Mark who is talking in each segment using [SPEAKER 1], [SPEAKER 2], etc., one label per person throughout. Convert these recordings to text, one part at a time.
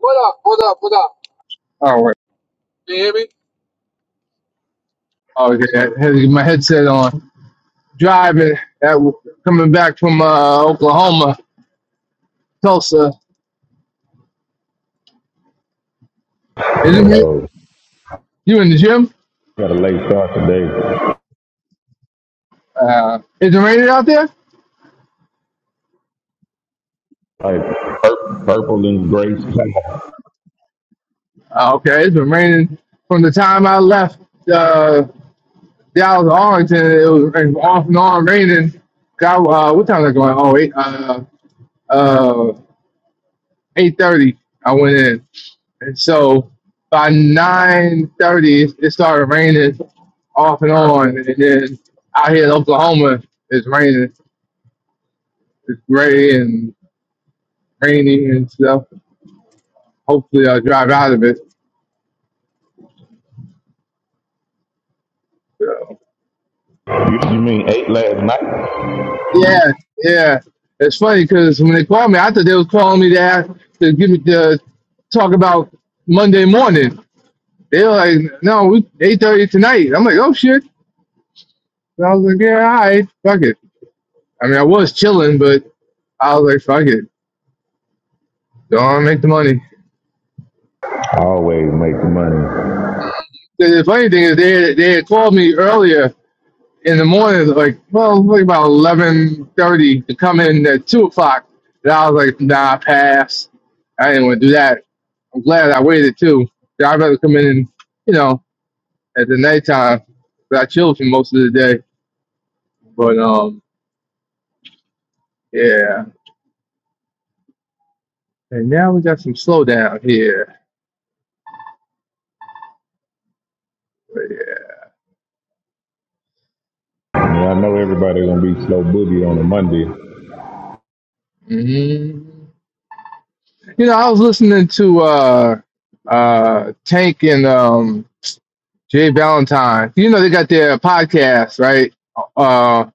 [SPEAKER 1] What up? What up? What up? Oh, wait. Can you hear me? oh yeah. Had my headset on. Driving, at, coming back from uh, Oklahoma, Tulsa. Isn't it?
[SPEAKER 2] Oh,
[SPEAKER 1] You in the gym?
[SPEAKER 2] got a late start today.
[SPEAKER 1] Uh, is it raining out there?
[SPEAKER 2] Like pur- purple and gray sky.
[SPEAKER 1] Uh, okay, it's been raining from the time I left uh, Dallas, Arlington. It was rain- off and on raining. Got uh, what time is it going? Oh, eight, uh, uh, eight thirty. I went in. And so by nine thirty, it started raining off and on, and then out here in Oklahoma, it's raining, it's gray and rainy and stuff. Hopefully, I'll drive out of it.
[SPEAKER 2] You, you mean eight last night?
[SPEAKER 1] Yeah, yeah. It's funny because when they called me, I thought they was calling me to ask, to give me to talk about Monday morning. They were like, "No, we eight thirty tonight." I'm like, "Oh shit!" And I was like, "Yeah, all right, fuck it." I mean, I was chilling, but I was like, "Fuck it, don't make the money."
[SPEAKER 2] I always make money.
[SPEAKER 1] the, funny thing is they they had called me earlier in the morning, like well, like about eleven thirty to come in at two o'clock, and I was like, nah, pass. I didn't want to do that. I'm glad I waited too. Yeah, I'd rather come in, and, you know, at the nighttime. But I chilled for most of the day. But um, yeah. And now we got some slowdown here.
[SPEAKER 2] I, mean, I know everybody gonna be slow boogie on a Monday.
[SPEAKER 1] hmm You know, I was listening to uh, uh, Tank and um, Jay Valentine. You know they got their podcast, right? Uh,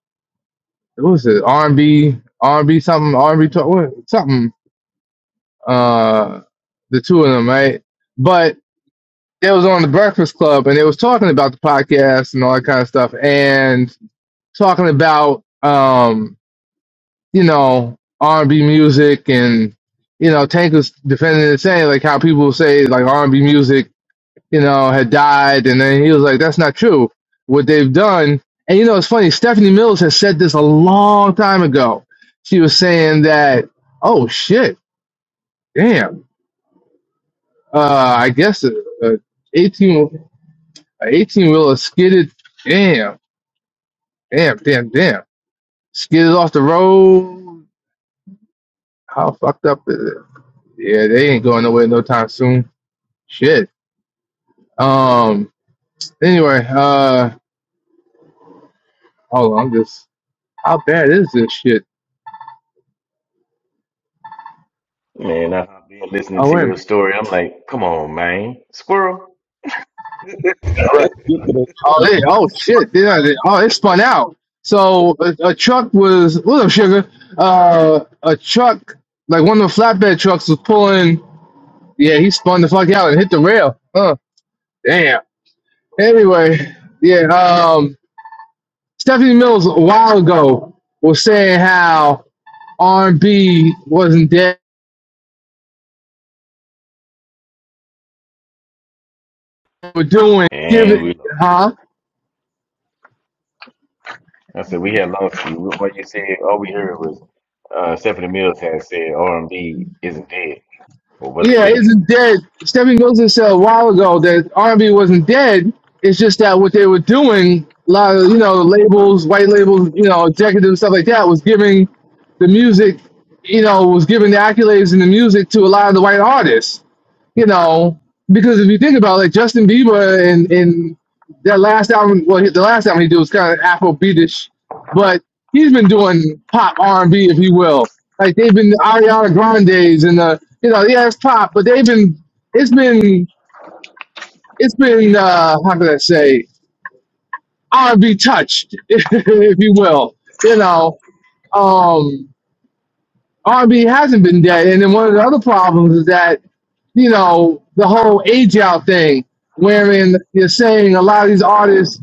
[SPEAKER 1] what was it? R and B, R and B something, R and B talk, what, something. Uh, the two of them, right? But they was on the Breakfast Club and they was talking about the podcast and all that kind of stuff, and talking about um, you know, R and B music and you know, Tank was defending it, saying like how people say like R and B music you know, had died. And then he was like, that's not true. What they've done. And you know, it's funny. Stephanie Mills has said this a long time ago. She was saying that, oh shit, damn. Uh, I guess a, a 18, a 18 wheeler skidded. Damn, damn, damn, damn. Skidded off the road. How fucked up is it? Yeah, they ain't going nowhere no time soon. Shit. Um, anyway, uh, hold on. I'm just, how bad is this shit?
[SPEAKER 3] Man, I have been listening
[SPEAKER 1] Oh,
[SPEAKER 3] to
[SPEAKER 1] wait a
[SPEAKER 3] your story. I'm like, come on, man, squirrel,
[SPEAKER 2] Right.
[SPEAKER 1] Oh, it, oh shit! Then I- oh, it spun out. So a, a truck was what up, sugar? Uh, a truck like one of the flatbed trucks was pulling. Yeah, he spun the fuck out and hit the rail. Huh? Damn. Anyway, yeah. Um, Stephanie Mills a while ago was saying how R and B wasn't dead. We're doing give
[SPEAKER 3] and
[SPEAKER 1] it,
[SPEAKER 3] we lost you.
[SPEAKER 1] huh?
[SPEAKER 3] I said we had lost you. What you said, all we heard was uh, Stephanie Mills had said R&B isn't dead or wasn't
[SPEAKER 1] Yeah, it
[SPEAKER 3] dead.
[SPEAKER 1] isn't dead. Stephen Wilson said a while ago that R&B wasn't dead. It's just that what they were doing, a lot of you know labels, white labels, you know, executives, stuff like that, was giving the music, you know, was giving the accolades in the music to a lot of the white artists you know, because if you think about it, like Justin Bieber and and that last album, well, the last album he did was kind of Afrobeatish, but he's been doing pop R and B, if you will. Like they've been Ariana Grande's and the you know, yeah, it's pop, but they've been it's been it's been uh, how can I say R and B touched, if you will. You know, Um, R&B hasn't been dead. And then one of the other problems is that, you know, the whole age out thing, wherein you're saying a lot of these artists,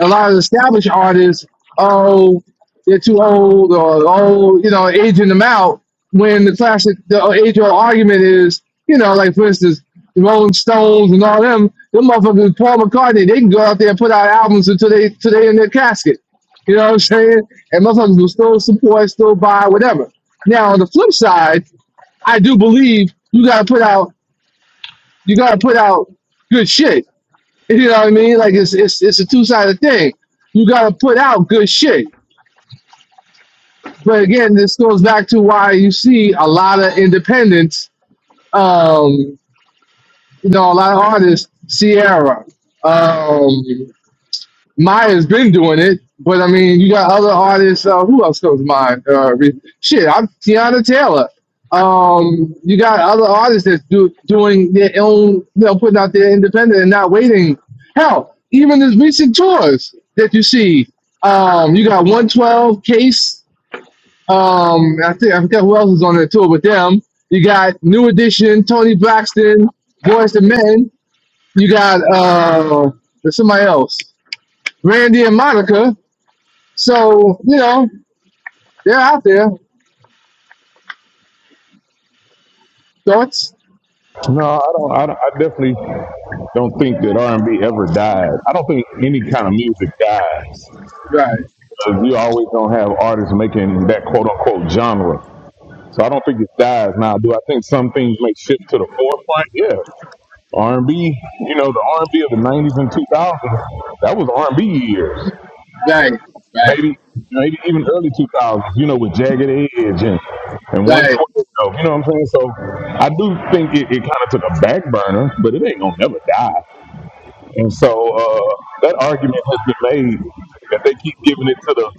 [SPEAKER 1] a lot of established artists, oh, they're too old or, oh, you know, aging them out. When the classic, the age old argument is, you know, like for instance, the Rolling Stones and all them, them motherfuckers, Paul McCartney, they can go out there and put out albums until they, until they in their casket. You know what I'm saying? And motherfuckers will still support, still buy, whatever now on the flip side, I do believe you gotta put out you gotta put out good shit. You know what I mean? Like it's it's it's a two sided thing. You gotta put out good shit. But again, this goes back to why you see a lot of independents, um, you know, a lot of artists, Sierra, um, Maya's been doing it, but I mean, you got other artists. Uh, who else comes to mind? Uh, re- shit, I'm Tiana Taylor. Um, you got other artists that's do, doing their own, you know, putting out their independent and not waiting. Hell, even the recent tours that you see, um, you got 112 Case. Um, I think I forgot who else is on that tour with them. You got New Edition, Tony Braxton, Boyz the Men. You got uh, there's somebody else. Randy and Monica. So, you know, they're out there. Thoughts?
[SPEAKER 2] No, I don't. I, don't, I definitely don't think that R and B ever died. I don't think any kind of music dies.
[SPEAKER 1] Right,
[SPEAKER 2] You always gonna have artists making that quote unquote genre. So I don't think it dies now. Do I think some things may shift to the forefront? Yeah. R&B, you know, the R&B of the 90s and 2000s, that was R&B years.
[SPEAKER 1] right, right,
[SPEAKER 2] Maybe maybe even early 2000s, you know, with Jagged Edge and, and 112,
[SPEAKER 1] right,
[SPEAKER 2] you know what I'm saying? So I do think it, it kind of took a back burner, but it ain't going to never die. And so uh, that argument has been made that they keep giving it to the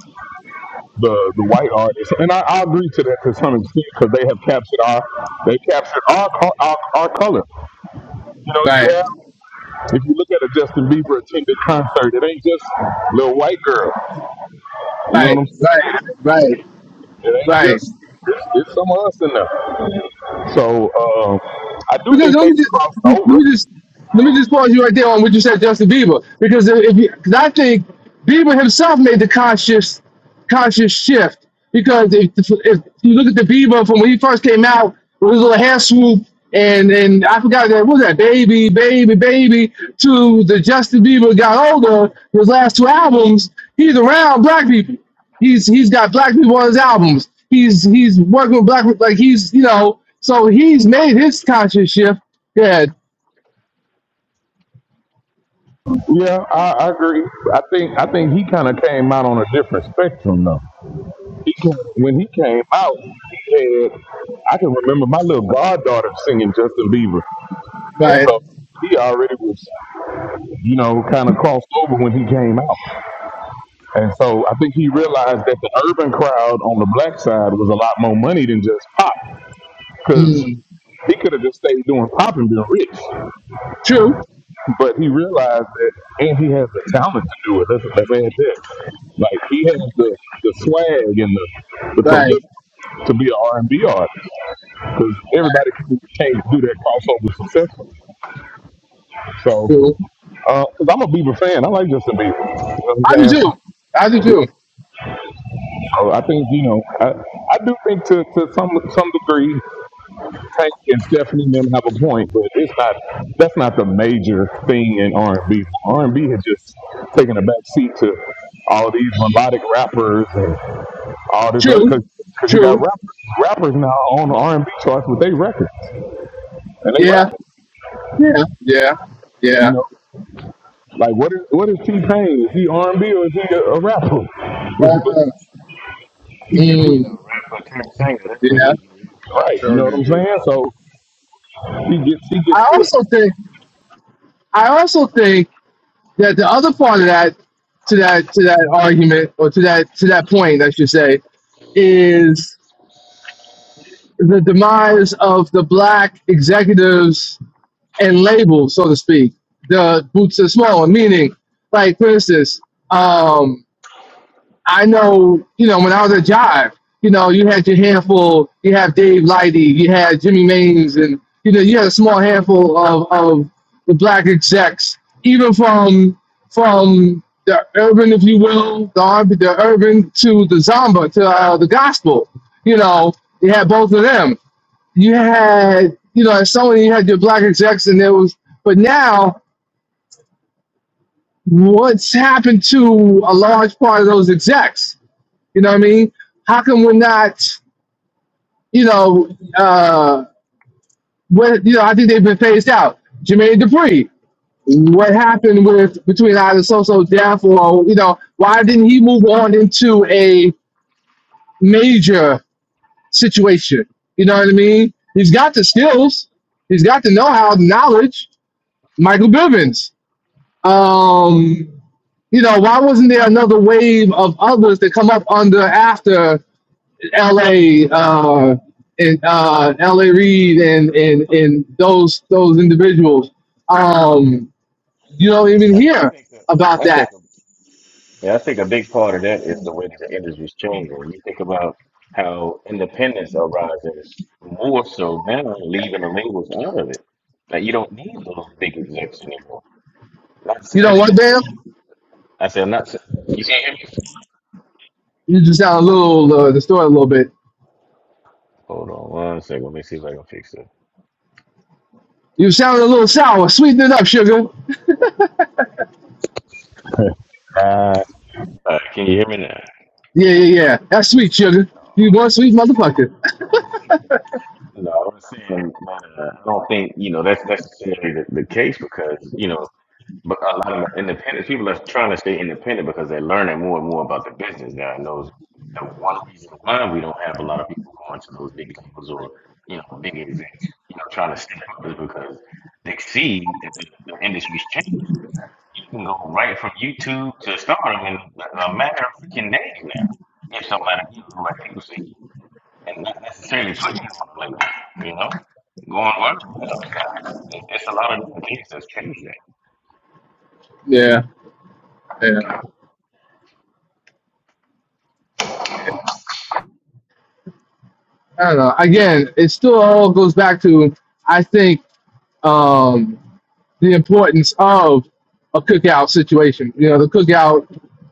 [SPEAKER 2] the, the white artists, and I, I agree to that to some extent because they have captured our they captured our, co- our our color. You know,
[SPEAKER 1] right,
[SPEAKER 2] you have If you look at a Justin Bieber attended concert, it ain't just little white girl. You know what
[SPEAKER 1] right,
[SPEAKER 2] I'm saying?
[SPEAKER 1] right, right,
[SPEAKER 2] It ain't
[SPEAKER 1] right.
[SPEAKER 2] just it's, it's some of us in there. So uh, I do
[SPEAKER 1] Because
[SPEAKER 2] think
[SPEAKER 1] let
[SPEAKER 2] they
[SPEAKER 1] me just
[SPEAKER 2] crossed
[SPEAKER 1] let
[SPEAKER 2] over.
[SPEAKER 1] me just let me just pause you right there on what you said, Justin Bieber. Because if if you, cause I think Bieber himself made the conscious. conscious shift because if, if you look at the Bieber from when he first came out with his little hair swoop and and I forgot that what was that baby baby baby to the Justin Bieber got older his last two albums he's around black people he's he's got black people on his albums he's he's working with black people, like he's you know so he's made his conscious shift yeah
[SPEAKER 2] Yeah, I, I agree. I think I think he kind of came out on a different spectrum though. He came, when he came out, he had, I can remember my little goddaughter singing Justin Bieber, and
[SPEAKER 1] right
[SPEAKER 2] so he already was you know kind of crossed over when he came out. And so I think he realized that the urban crowd on the black side was a lot more money than just pop, because
[SPEAKER 1] Mm.
[SPEAKER 2] he could have just stayed doing pop and been rich.
[SPEAKER 1] true
[SPEAKER 2] But he realized that, and he has the talent to do it. That's us let add that. Like he has the, the swag and the the
[SPEAKER 1] right
[SPEAKER 2] prolific to be an R and B artist, because
[SPEAKER 1] right
[SPEAKER 2] everybody can't do that crossover successful. So,
[SPEAKER 1] true
[SPEAKER 2] because I'm a Bieber fan, I like Justin Bieber. You know
[SPEAKER 1] I
[SPEAKER 2] what
[SPEAKER 1] do
[SPEAKER 2] I'm
[SPEAKER 1] too I do
[SPEAKER 2] saying?
[SPEAKER 1] too
[SPEAKER 2] So I think you know, I, I do think to, to some some degree Hank and Stephanie and them have a point, but it's not. That's not the major thing in R and B. R and B has just taken a back seat to all these melodic rappers and all this other
[SPEAKER 1] true
[SPEAKER 2] because because you got
[SPEAKER 1] true
[SPEAKER 2] rappers rappers now on the R and B charts with their records and they rap.
[SPEAKER 1] Yeah, yeah, yeah,
[SPEAKER 2] You
[SPEAKER 1] yeah.
[SPEAKER 2] know, like what is what is T Pain? Is he R and B or is he a, a rapper? But
[SPEAKER 1] Uh,
[SPEAKER 2] he,
[SPEAKER 3] T
[SPEAKER 2] he's
[SPEAKER 3] Pain, a
[SPEAKER 1] mm,
[SPEAKER 3] rapper turned singer, that's what
[SPEAKER 1] yeah.
[SPEAKER 3] he is.
[SPEAKER 2] right. You know what I'm
[SPEAKER 4] alternative
[SPEAKER 2] saying? So he gets he gets
[SPEAKER 1] I also
[SPEAKER 2] to.
[SPEAKER 1] think I also think that the other part of that to that to that argument or to that to that point, I should say, is the demise of the black executives and labels, so to speak. The boots are small, meaning, like for instance, um, I know, you know, when I was at Jive, you know, you had your handful, you have Dave Lighty, you had Jimmy Maines, and, you know, you had a small handful of, of the black execs, even from from the urban, if you will, the, R- and B the urban to the zomba, to uh, the gospel. You know, you had both of them. You had, you know, as someone, you had your black execs, and there was, but now, what's happened to a large part of those execs? You know what I mean? How come we're not, you know, uh, what you know? I think they've been phased out. Jermaine Dupri, What happened with between either so death or you know why didn't he move on into a major situation? You know what I mean? He's got the skills, he's got the know-how, the knowledge. Michael Bivins. Um, you know why wasn't there another wave of others that come up under after L.A. Uh, and uh, L.A. Reid and, and and those those individuals. Um, you don't even
[SPEAKER 3] I
[SPEAKER 1] hear
[SPEAKER 3] think, a,
[SPEAKER 1] about
[SPEAKER 3] I
[SPEAKER 1] that.
[SPEAKER 3] think, a, yeah, I think a big part of that is the way that the industry's changing. When you think about how independents are rising more so now, leaving the labels out of it. Like you don't need those big execs anymore. Not
[SPEAKER 1] You
[SPEAKER 3] seeing
[SPEAKER 1] know
[SPEAKER 3] it
[SPEAKER 1] what,
[SPEAKER 3] and
[SPEAKER 1] Bam?
[SPEAKER 3] not. I said, I'm not. se- You can't hear me?
[SPEAKER 1] You just sound a little uh, distorted a little bit.
[SPEAKER 3] Hold on one second. Let me see if I can fix it.
[SPEAKER 1] You sound a little sour. Sweeten it up, sugar.
[SPEAKER 3] All right, can you hear me now?
[SPEAKER 1] Yeah, yeah, yeah. That's sweet, sugar. You one sweet motherfucker.
[SPEAKER 3] No, I was saying that uh, I don't think you know that's necessarily the, the case because you know, but a lot of the independent people are trying to stay independent because they're learning more and more about the business now, and those the one reason why we don't have a lot of people going to those big labels or you know big events, you know, trying to step up is because they see that the, the industry's changed. You can go right from YouTube to stardom in a matter of freaking days now. If somebody, you know, like people see you. and not necessarily putting you on a label, you know, going viral. It's, it's a lot of different things that's changed that.
[SPEAKER 1] Yeah, yeah. I don't know. Again, it still all goes back to I think. Um, the importance of a cookout situation. You know, the cookout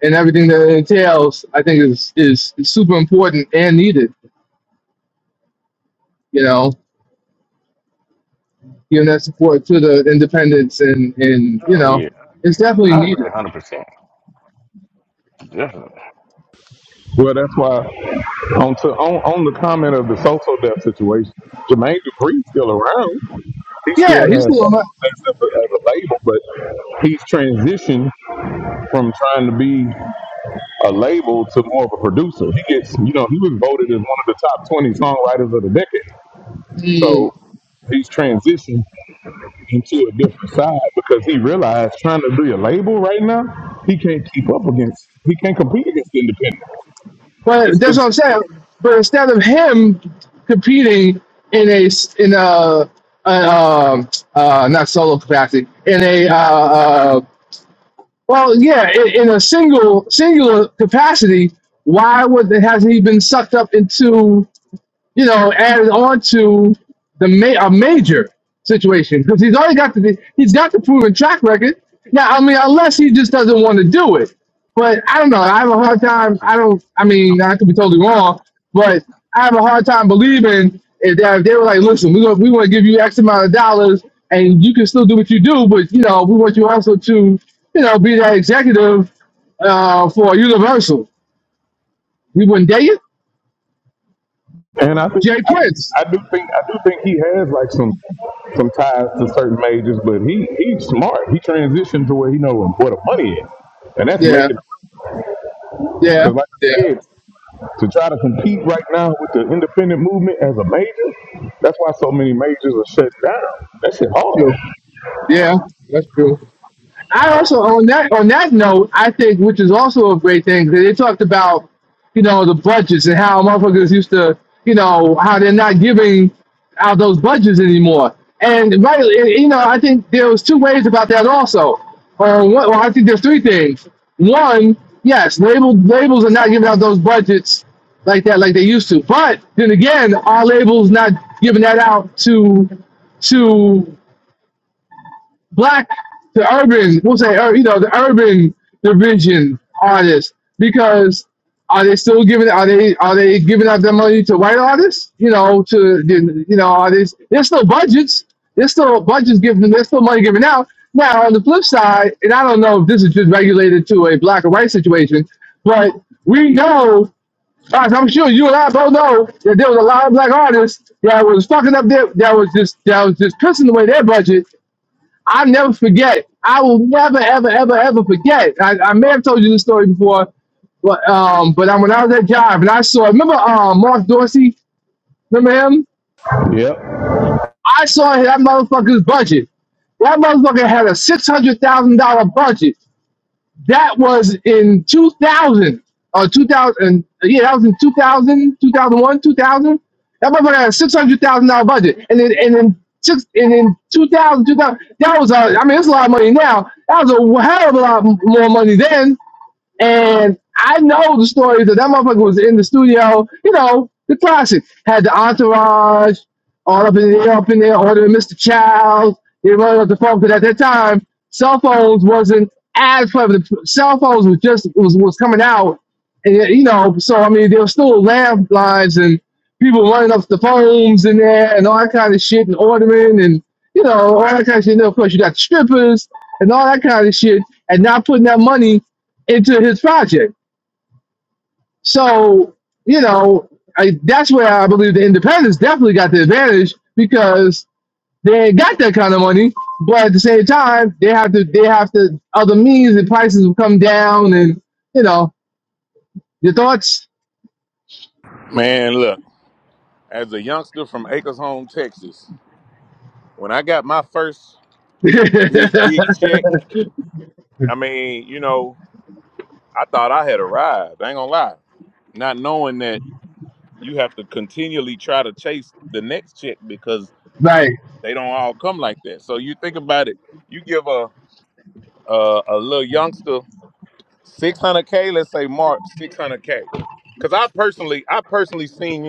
[SPEAKER 1] and everything that it entails, I think is is, is super important and needed. You know, giving that support to the independents and and you
[SPEAKER 3] Oh
[SPEAKER 1] know,
[SPEAKER 3] yeah, I agree.
[SPEAKER 1] it's definitely
[SPEAKER 3] I I
[SPEAKER 1] needed.
[SPEAKER 3] agree, a hundred percent, definitely.
[SPEAKER 2] Well, that's why on to on, on the comment of the social death situation, Jermaine Dupree's still around. He
[SPEAKER 1] Yeah,
[SPEAKER 2] still
[SPEAKER 1] he's
[SPEAKER 2] has
[SPEAKER 1] doing
[SPEAKER 2] social
[SPEAKER 1] that.
[SPEAKER 2] death as a, as a label, but he's transitioned from trying to be a label to more of a producer. He gets, you know, he was voted as one of the top twenty songwriters of the decade.
[SPEAKER 1] Mm.
[SPEAKER 2] So he's transitioned into a different side because he realized trying to be a label right now, he can't keep up against, he can't compete against the independent.
[SPEAKER 1] But
[SPEAKER 2] It's
[SPEAKER 1] that's what
[SPEAKER 2] it's
[SPEAKER 1] I'm saying. But instead of him competing in a s- in a, a um, uh, not solo capacity in a uh, uh, Well, yeah, in, in a single singular capacity, why would hasn't he been sucked up into? you know, added on to the ma- a major situation because he's already got the he's got the proven track record. Now, I mean, unless he just doesn't want to do it, but I don't know.
[SPEAKER 3] I,
[SPEAKER 1] I have a
[SPEAKER 3] I
[SPEAKER 1] hard
[SPEAKER 3] I
[SPEAKER 1] time.
[SPEAKER 3] honestly
[SPEAKER 1] I
[SPEAKER 3] think
[SPEAKER 1] don't.
[SPEAKER 3] it's,
[SPEAKER 1] I
[SPEAKER 3] it's no
[SPEAKER 1] mean, I
[SPEAKER 3] need
[SPEAKER 1] could be totally
[SPEAKER 3] for it.
[SPEAKER 1] wrong, but I have a hard time believing if they, if they were like, listen, we gonna, we want to give you X amount of dollars, and you can still do what you do, but you know, we want you also to you know be that executive uh, for Universal. We wouldn't dare you,
[SPEAKER 2] And I think
[SPEAKER 1] Jay
[SPEAKER 2] I,
[SPEAKER 1] Prince.
[SPEAKER 2] I do think I do think he has like some some ties to certain majors, but he he's smart. He transitioned to where he know where the money is, and that's
[SPEAKER 1] Yeah,
[SPEAKER 2] making.
[SPEAKER 1] yeah,
[SPEAKER 2] Because like I
[SPEAKER 1] yeah.
[SPEAKER 2] said, to try to compete right now with the independent movement as a major, that's why so many majors are shut down. That shit
[SPEAKER 1] true.
[SPEAKER 2] hard.
[SPEAKER 1] Yeah, that's true. I also on that on that note, I think which is also a great thing that they talked about, you know, the budgets and how motherfuckers used to, you know, how they're not giving out those budgets anymore. And right, and, you know, I think there was two ways about that also. Or one, well, I think there's three things. One, yes, label labels are not giving out those budgets like that like they used to. But then again, our labels not giving that out to to black, the urban, we'll say, ur- you know, the urban division artists because are they still giving? Are they are they giving out their money to white artists? You know, to the- you know, are they? There's still budgets. There's still budgets given. There's still money given out. Now on the flip side, and I don't know if this is just regulated to a black or white situation, but we know, as I'm sure you and I both know, that there was a lot of black artists that was fucking up their, that was just that was just pissing away their budget I never forget. I will never, ever, ever, ever forget. I, I may have told you this story before, but um, but I, when I was at job and I saw, remember um, Mark Dorsey? Remember him?
[SPEAKER 2] Yep.
[SPEAKER 1] I saw that motherfucker's budget. That motherfucker had a six hundred thousand dollar budget that was in 2000 or 2000. Yeah, that was in two thousand, two 2000. That motherfucker had a six hundred thousand dollar budget, and then and then six and then 2000, 2000. That was a, I mean, it's a lot of money now. That was a hell of a lot more money then. And I know the story that that motherfucker was in the studio, you know, the classic. Had the entourage all up in there, up in there, ordering Mr. Child. They running up the phone because at that time, cell phones wasn't as clever. The cell phones was just was, was coming out, and yeah, you know, so I mean, there were still landlines and people running up the phones in there and all that kind of shit and ordering and you know all that kind of shit. And then, of course, you got the strippers and all that kind of shit, and not putting that money into his project. So, you know, I, that's where I believe the independents definitely got the advantage because they ain't got that kind of money. But at the same time, they have to they have to other means and prices will come down and you know, your thoughts.
[SPEAKER 2] Man, look, as a youngster from Acres Home, Texas, when I got my first big, big check, I mean, you know, I thought I had a right, not knowing that.
[SPEAKER 1] right,
[SPEAKER 2] I seen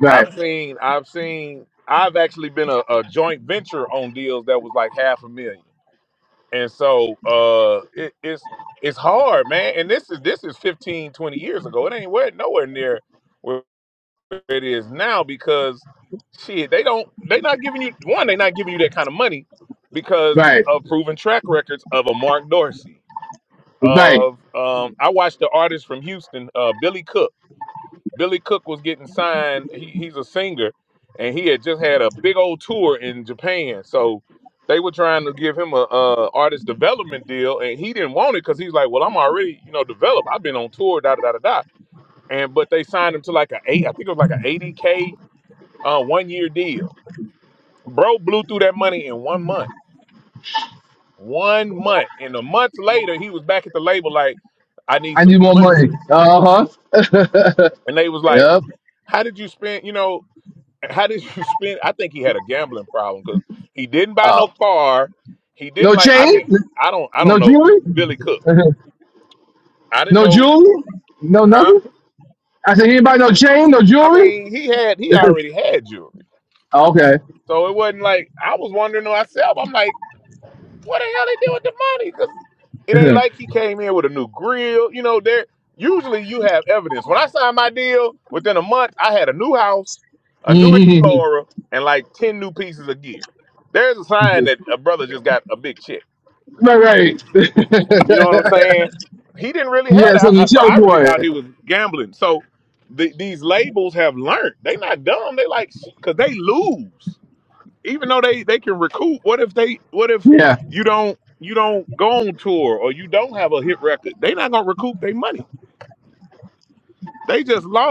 [SPEAKER 1] right, right, right. I need more money. Uh huh. yep. Oh. No chain? No jewelry? no jewelry? No nothing? I said, anybody no chain, no jewelry? Oh, okay. Mhm. right, right. you had something to show for it. Yeah.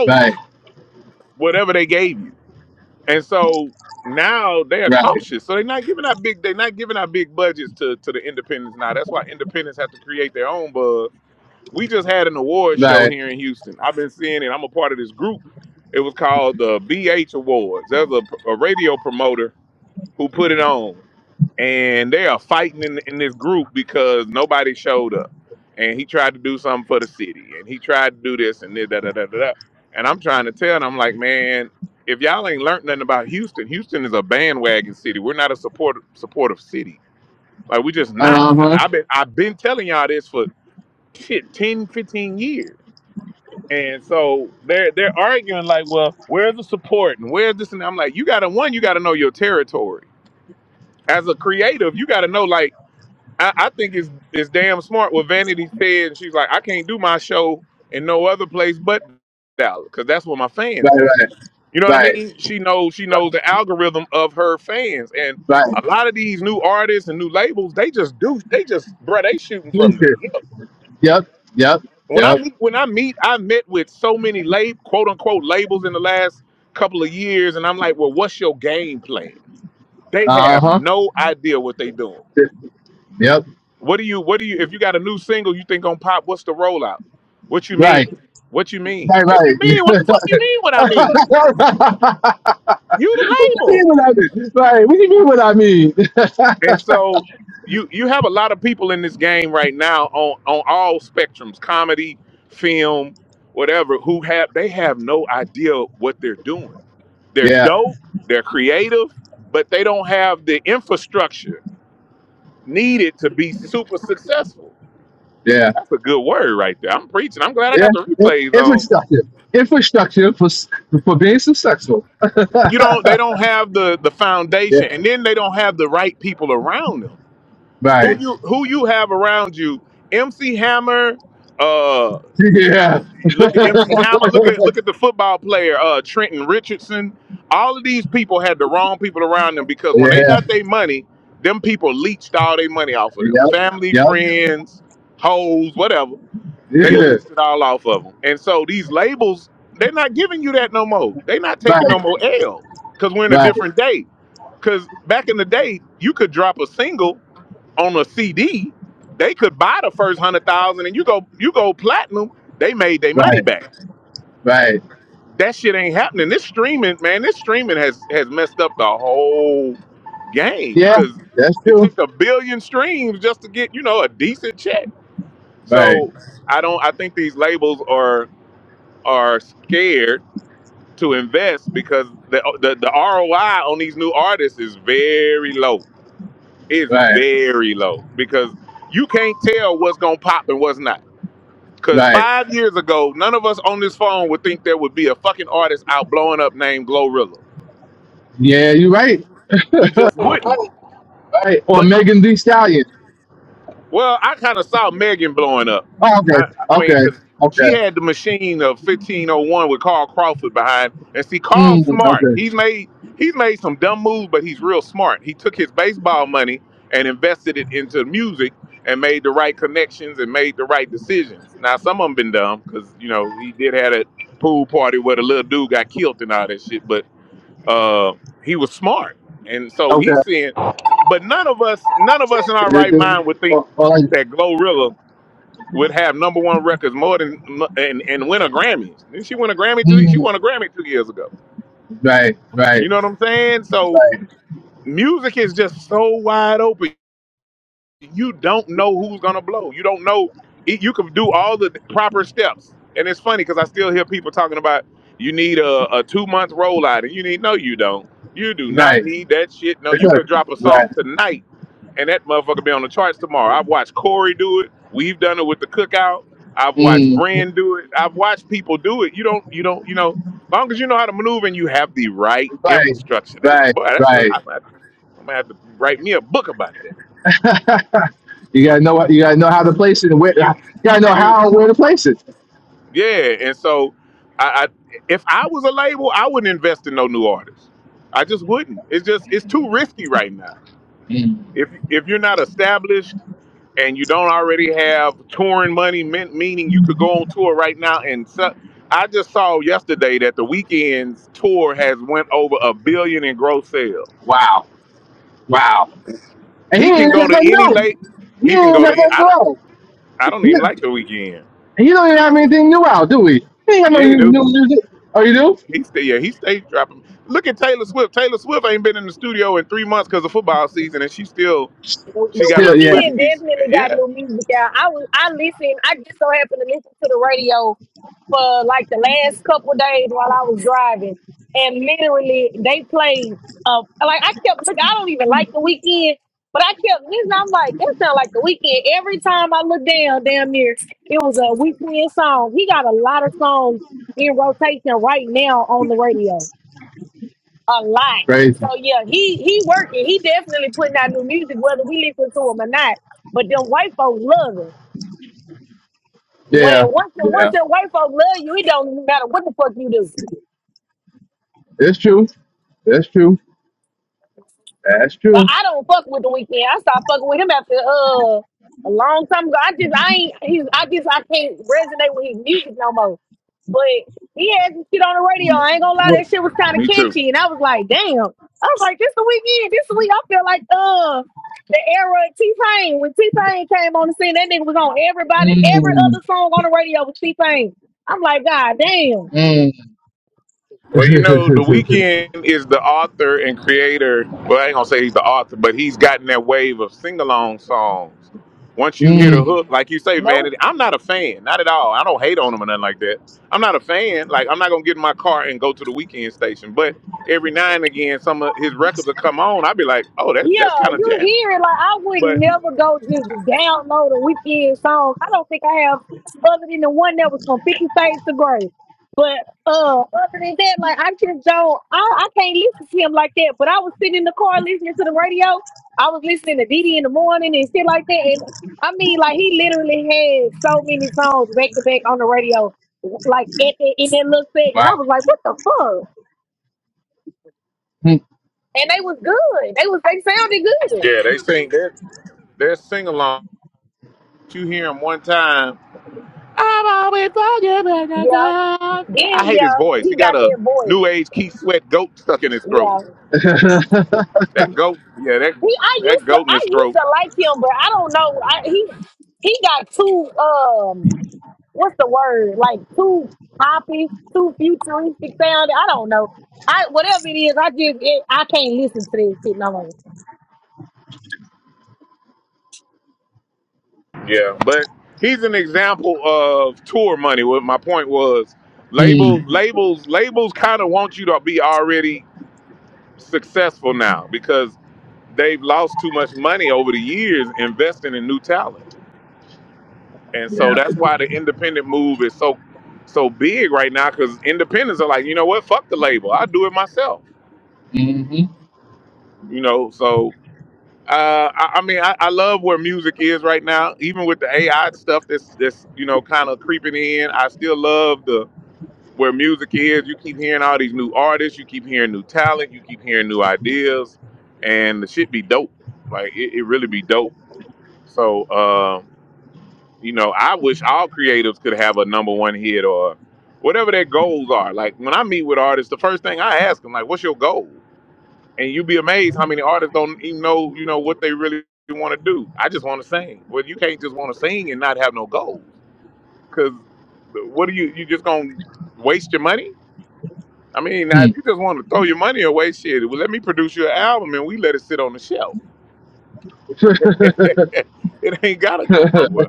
[SPEAKER 1] Right, right, right. Uh huh. Right, right, right, right. Future. Yep, yep, yep. Uh huh. Yep. Right. Right, right. what you mean what I mean? Right. What do you mean what I mean? yeah, yeah. Yeah, it, it foi structured. for, s- for being successful. Yeah. Right. Yeah. yeah. Yep. Yep. Yeah. Right. Right. Right. Right. Yeah. That's true. Right. Right. Right. Yeah, you're right. Right. Right. Or Megan Thee Stallion. Oh, okay. Okay. Okay. Mm, okay. Okay. All right. Mm, right, right, right, right. right. Mm. Right. Right. Right. you gotta know what you gotta know how to place it and where you gotta know how and where to place it. Mm. Wow. Wow. And he ain't got nothing new. He ain't got nothing new. Yeah. And you don't even have anything new out, do we? He ain't got no new new music. Oh you do?
[SPEAKER 5] The the
[SPEAKER 1] Still yeah.
[SPEAKER 5] weekend definitely got new music out. I was I listened. I just so happened to listen to the radio for like the last couple of days while I was driving, and literally they played. Uh, like I kept look. I don't even like the weekend, but I kept listening. I'm like, that sound like the weekend. Every time I look down, damn near it was a weekend song. He got a lot of songs in rotation right now on the radio a lot.
[SPEAKER 1] Crazy.
[SPEAKER 5] So yeah, he he working. He definitely putting out new music, whether we listen to him or not. But them white folk love it. When
[SPEAKER 1] Yeah.
[SPEAKER 5] once the once
[SPEAKER 1] Yeah.
[SPEAKER 5] the white folk love you, it don't matter what the fuck you do.
[SPEAKER 1] It's true. That's true. That's
[SPEAKER 5] But
[SPEAKER 1] true.
[SPEAKER 5] I don't fuck with the weekend. I stopped fucking with him after uh a long time ago. I just I ain't he's I just I can't resonate with his music no more. But he had some shit on the radio. I ain't gonna lie, that shit was kind of catchy, and I was like, damn. I was like, this the weekend. This the week. I feel like uh the era of T Pain when T Pain came on the scene. That nigga was on everybody every
[SPEAKER 1] Mm.
[SPEAKER 5] other song on the radio with T Pain. I'm like, god damn.
[SPEAKER 1] Mm. Mm.
[SPEAKER 5] Nope. Yeah, you hear it. Like I would never go just download a weekend song. I don't think I have other than the one that was from Fifty Shades to Grey. But uh, other than that, like I just don't. I, I can't listen to him like that. But I was sitting in the car listening to the radio. I was listening to Diddy in the morning and shit like that. And I mean, like he literally had so many songs back to back on the radio, like at the, in that little segment.
[SPEAKER 1] Wow.
[SPEAKER 5] I was like, what the fuck?
[SPEAKER 1] Hmm.
[SPEAKER 5] And they was good. They was they sounded good. Yeah. Then yeah, he got that voice. Yeah, he. I used to. I used to like him, but I don't know. I, he he got too um. What's the word? Like too poppy, too futuristic sounding. I don't know. I whatever it is, I just it, I can't listen to this shit no more.
[SPEAKER 1] Mm. Yeah. Mhm. Hmm.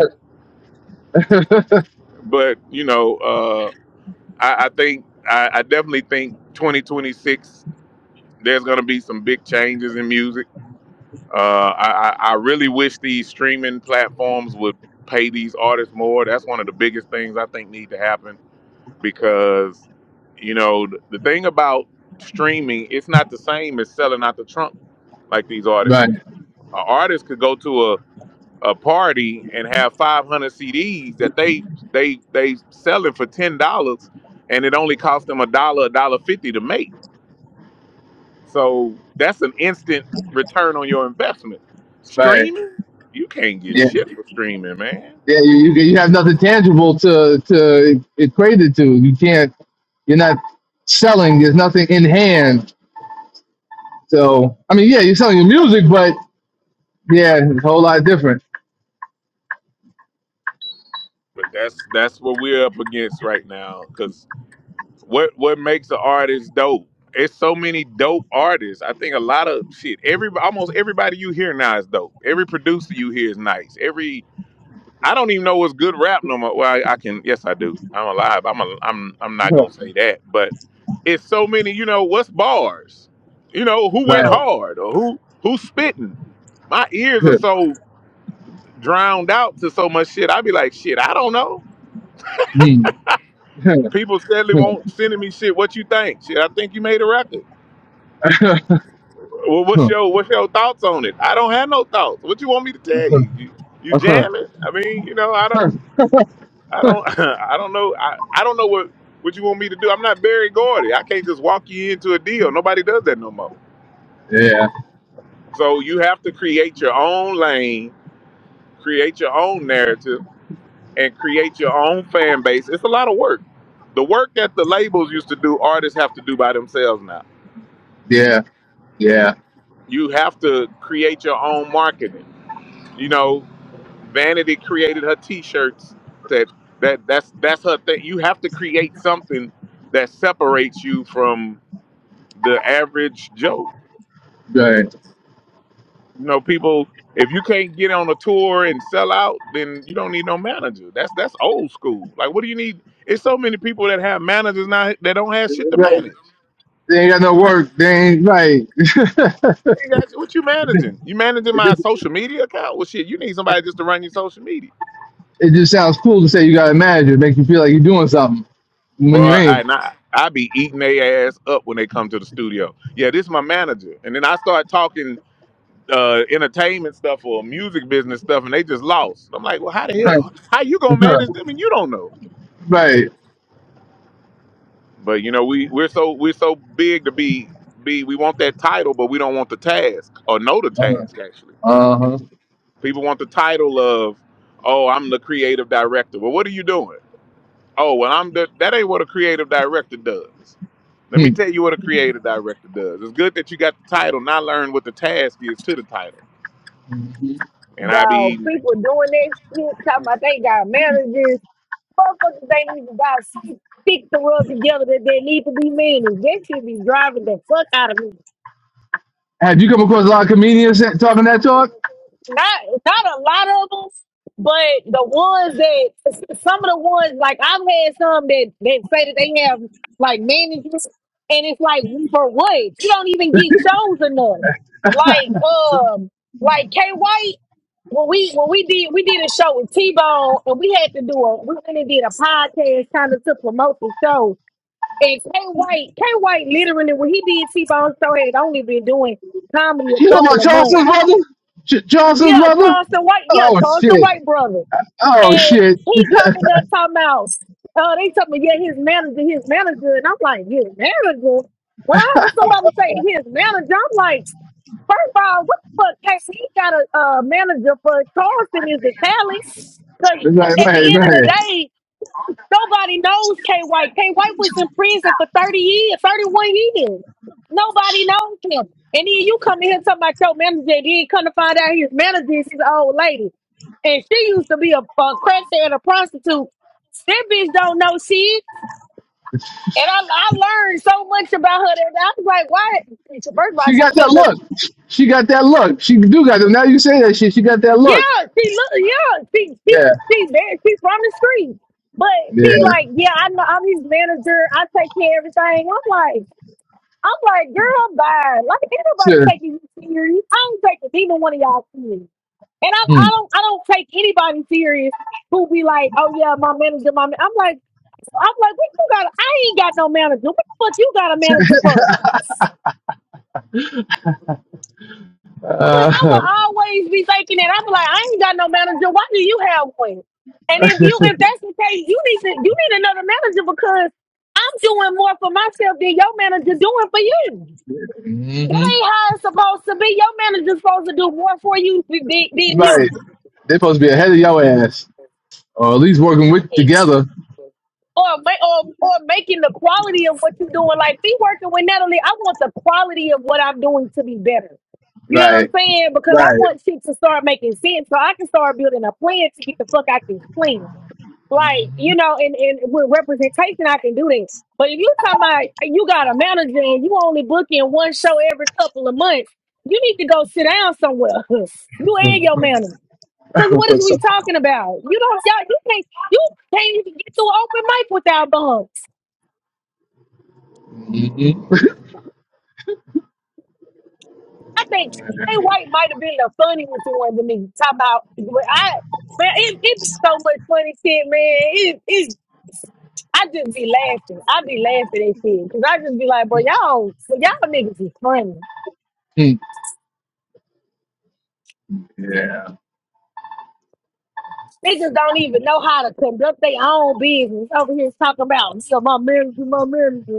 [SPEAKER 1] right. Right. Yeah. Yeah. You, you you have nothing tangible to to equate it to. You can't. You're not selling. There's nothing in hand. So I mean, yeah, you're selling your music, but yeah, it's a whole lot different. Right. Mm. yeah. Yeah. Yeah. Right. They ain't got no work. They ain't right. it just it just sounds cool to say you got a manager. It makes you feel like you're doing something when you ain't. Right. right. Uh huh. Hmm.
[SPEAKER 5] Dog, people doing that shit, talking about they got marriages. Motherfuckers ain't even got sleep. Stick the rub together that they need to be married. That should be driving the fuck out of me.
[SPEAKER 1] Have you come across a lot of comedians that- talking that talk?
[SPEAKER 5] Not not a lot of them, but the ones that s- some of the ones like I've had some that that say that they have like managers, and it's like for what you don't even get shows enough. Like um, like K White when we when we did we did a show with T Bone and we had to do a we went and did a podcast kind of to promote the show and Kay White, Kay White literally when he did T Bone Show had only been doing comedy a
[SPEAKER 1] You know
[SPEAKER 5] couple
[SPEAKER 1] about
[SPEAKER 5] of
[SPEAKER 1] Charleston's
[SPEAKER 5] months.
[SPEAKER 1] brother? Ch- Charleston's
[SPEAKER 5] Yeah,
[SPEAKER 1] brother?
[SPEAKER 5] Charleston White, yeah,
[SPEAKER 1] Oh
[SPEAKER 5] Charleston
[SPEAKER 1] shit.
[SPEAKER 5] White brother.
[SPEAKER 1] Oh
[SPEAKER 5] And
[SPEAKER 1] shit.
[SPEAKER 5] he coming up talking about uh they talking about, yeah, his manager, his manager. And I'm like, his manager? When I heard somebody say his manager, I'm like, first of all, what the fuck case he got a uh, manager for Charleston is the talent. Cause
[SPEAKER 1] right,
[SPEAKER 5] at
[SPEAKER 1] right,
[SPEAKER 5] the end of the
[SPEAKER 1] right.
[SPEAKER 5] day, Nobody knows K White. K White was in prison for 30 years, 31 years. Nobody knows him. And then you come in here talking about your manager, then come to find out his manager is an old lady. And she used to be a, a crackhead and a prostitute. That bitch don't know shit. And I, I learned so much about her that I was like, why? First of all,
[SPEAKER 1] She
[SPEAKER 5] she was
[SPEAKER 1] got that
[SPEAKER 5] telling us,
[SPEAKER 1] look. She got that look. She do got them. Now you say that shit. She got that look.
[SPEAKER 5] yeah, she look, yeah, she, she,
[SPEAKER 1] Yeah.
[SPEAKER 5] she, there, she from the street. But she
[SPEAKER 1] Yeah.
[SPEAKER 5] like, yeah, I know, I'm his manager. I take care of everything. I'm like, I'm like, girl, bye. Like, ain't nobody
[SPEAKER 1] Sure.
[SPEAKER 5] taking you serious. I don't take neither one of y'all serious. And I,
[SPEAKER 1] Hmm.
[SPEAKER 5] I don't, I don't take anybody serious who be like, oh yeah, my manager, my. Man. I'm like, I'm like, what you got? I ain't got no manager. What the fuck you got a manager for? I'm like,
[SPEAKER 1] Uh,
[SPEAKER 5] I will always be thinking that. I'm like, I ain't got no manager. Why do you have one? And if you, if that's the case, you need to, you need another manager because I'm doing more for myself than your manager doing for you. That
[SPEAKER 1] hmm
[SPEAKER 5] ain't how it's supposed to be. Your manager's supposed to do more for you th- th- than
[SPEAKER 1] right.
[SPEAKER 5] you.
[SPEAKER 1] They supposed to be ahead of your ass, or at least working with together.
[SPEAKER 5] Or, ma- or or making the quality of what you're doing. Like be working with Natalie, I want the quality of what I'm doing to be better. You know what I'm
[SPEAKER 1] Right.
[SPEAKER 5] saying? Because I
[SPEAKER 1] Right.
[SPEAKER 5] want shit to start making sense so I can start building a plan to get the fuck out this plan. Like, you know, and, and with representation, I can do this. But if you talking about you got a manager and you only booking one show every couple of months, you need to go sit down somewhere. you and your manager. Because what
[SPEAKER 1] hmm
[SPEAKER 5] is
[SPEAKER 1] So-
[SPEAKER 5] we talking about? You don't, y'all, you can't, you can't even get to an open mic without bums. I think Jay White might have been the funniest one to me. Talk about, but I, man, it, it so much funny shit, man. It, it's, I just be laughing. I be laughing at shit because I just be like, bro, y'all, y'all niggas is funny.
[SPEAKER 1] yeah.
[SPEAKER 5] Niggas don't even know how to conduct their own business. Over here talking about, so my manager, my manager.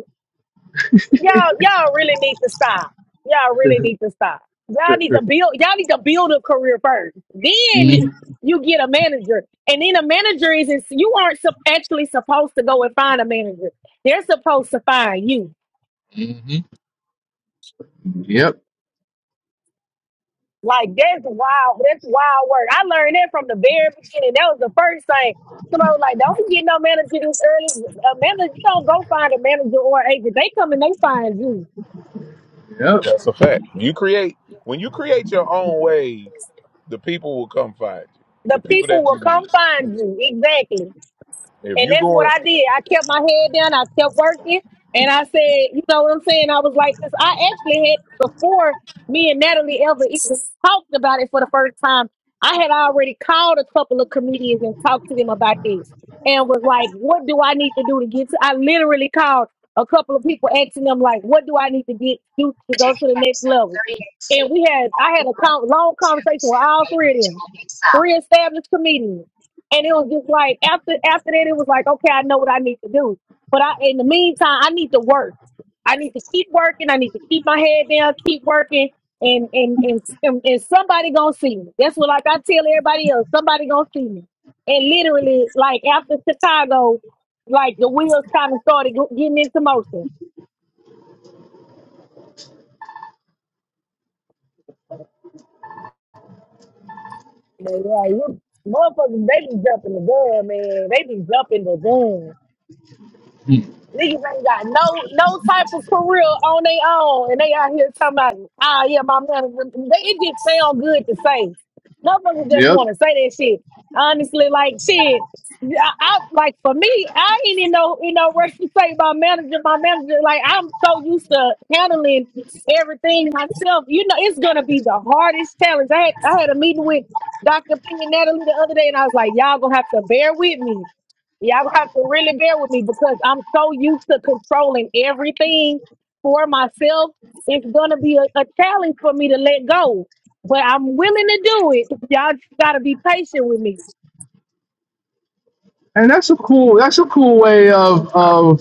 [SPEAKER 5] y'all y'all really need to stop. Y'all
[SPEAKER 1] hmm
[SPEAKER 5] really need to stop. Y'all need to build y'all need to build a career first. Then you get a manager. And then a manager isn't you aren't sup- actually supposed to go and find a manager. They're supposed to find you.
[SPEAKER 1] hmm yep.
[SPEAKER 5] Like that's wild. That's wild work. I learned that from the very beginning. That was the first thing. Somebody was like, don't get no manager this early. A manager, you don't go find a manager or agent. They come and they find you.
[SPEAKER 1] Yep.
[SPEAKER 5] The people will come find you. Exactly. And that's what I did. I kept my head down. I kept working. And I said, you know what I'm saying? I was like, this. I actually had, before me and Natalie ever even talked about it for the first time, I had already called a couple of comedians and talked to them about this and was like, what do I need to do to get to? I literally called a couple of people asking them, like, what do I need to get do to go to the next level? And we had, I had a con- long conversation with all three of them, three established comedians. And it was just like after after that, it was like, okay, I know what I need to do. But I in the meantime, I need to work. I need to keep working. I need to keep my head down, keep working, and and and, and, and somebody gonna see me. That's what like I tell everybody else, somebody gonna see me. And literally, like after Chicago, like the wheels kind of started go- getting into motion. Man, yeah, you motherfuckers, they be jumping the gun, man. They be jumping the gun.
[SPEAKER 1] hmm
[SPEAKER 5] Niggas ain't got no no type of career on their own, and they out here talking about, ah, yeah, my manager. They, it just sound good to say. Motherfuckers just
[SPEAKER 1] Yep.
[SPEAKER 5] want to say that shit. Honestly, like shit, yeah, I, I like for me, I ain't in no in no rush to say my manager, my manager. Like I'm so used to handling everything myself. You know, it's gonna be the hardest challenge. I had I had a meeting with Dr. Ping and Natalie the other day, and I was like, y'all gonna have to bear with me Y'all have to really bear with me because I'm so used to controlling everything for myself. It's gonna be a, a challenge for me to let go, but I'm willing to do it. Y'all just gotta be patient with me.
[SPEAKER 1] And that's a cool. That's a cool way of of.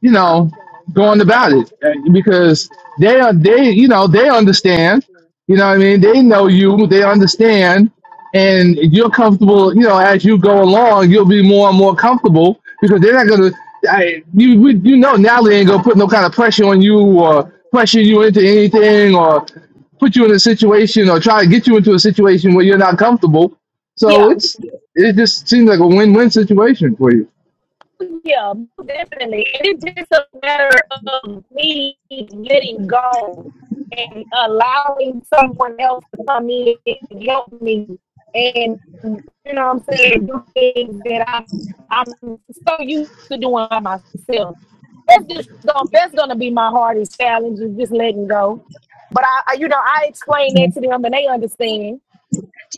[SPEAKER 1] you know, going about it uh, because they are they you know they understand, you know what I mean they know you they understand, and you're comfortable you know as you go along you'll be more and more comfortable because they're not gonna I, you we- you know now they ain't gonna put no kind of pressure on you or pressure you into anything or put you in a situation or try to get you into a situation where you're not comfortable. So
[SPEAKER 5] Yeah.
[SPEAKER 1] it's it just seems like a win-win situation for you.
[SPEAKER 5] Yeah, definitely. And it's just a matter of me letting go and allowing someone else to come in and help me. And you know what I'm saying? Do things that I, I'm so used to doing by myself. That's just gonna, that's gonna be my hardest challenge is just letting go. But I, I, you know, I explain that to them and they understand.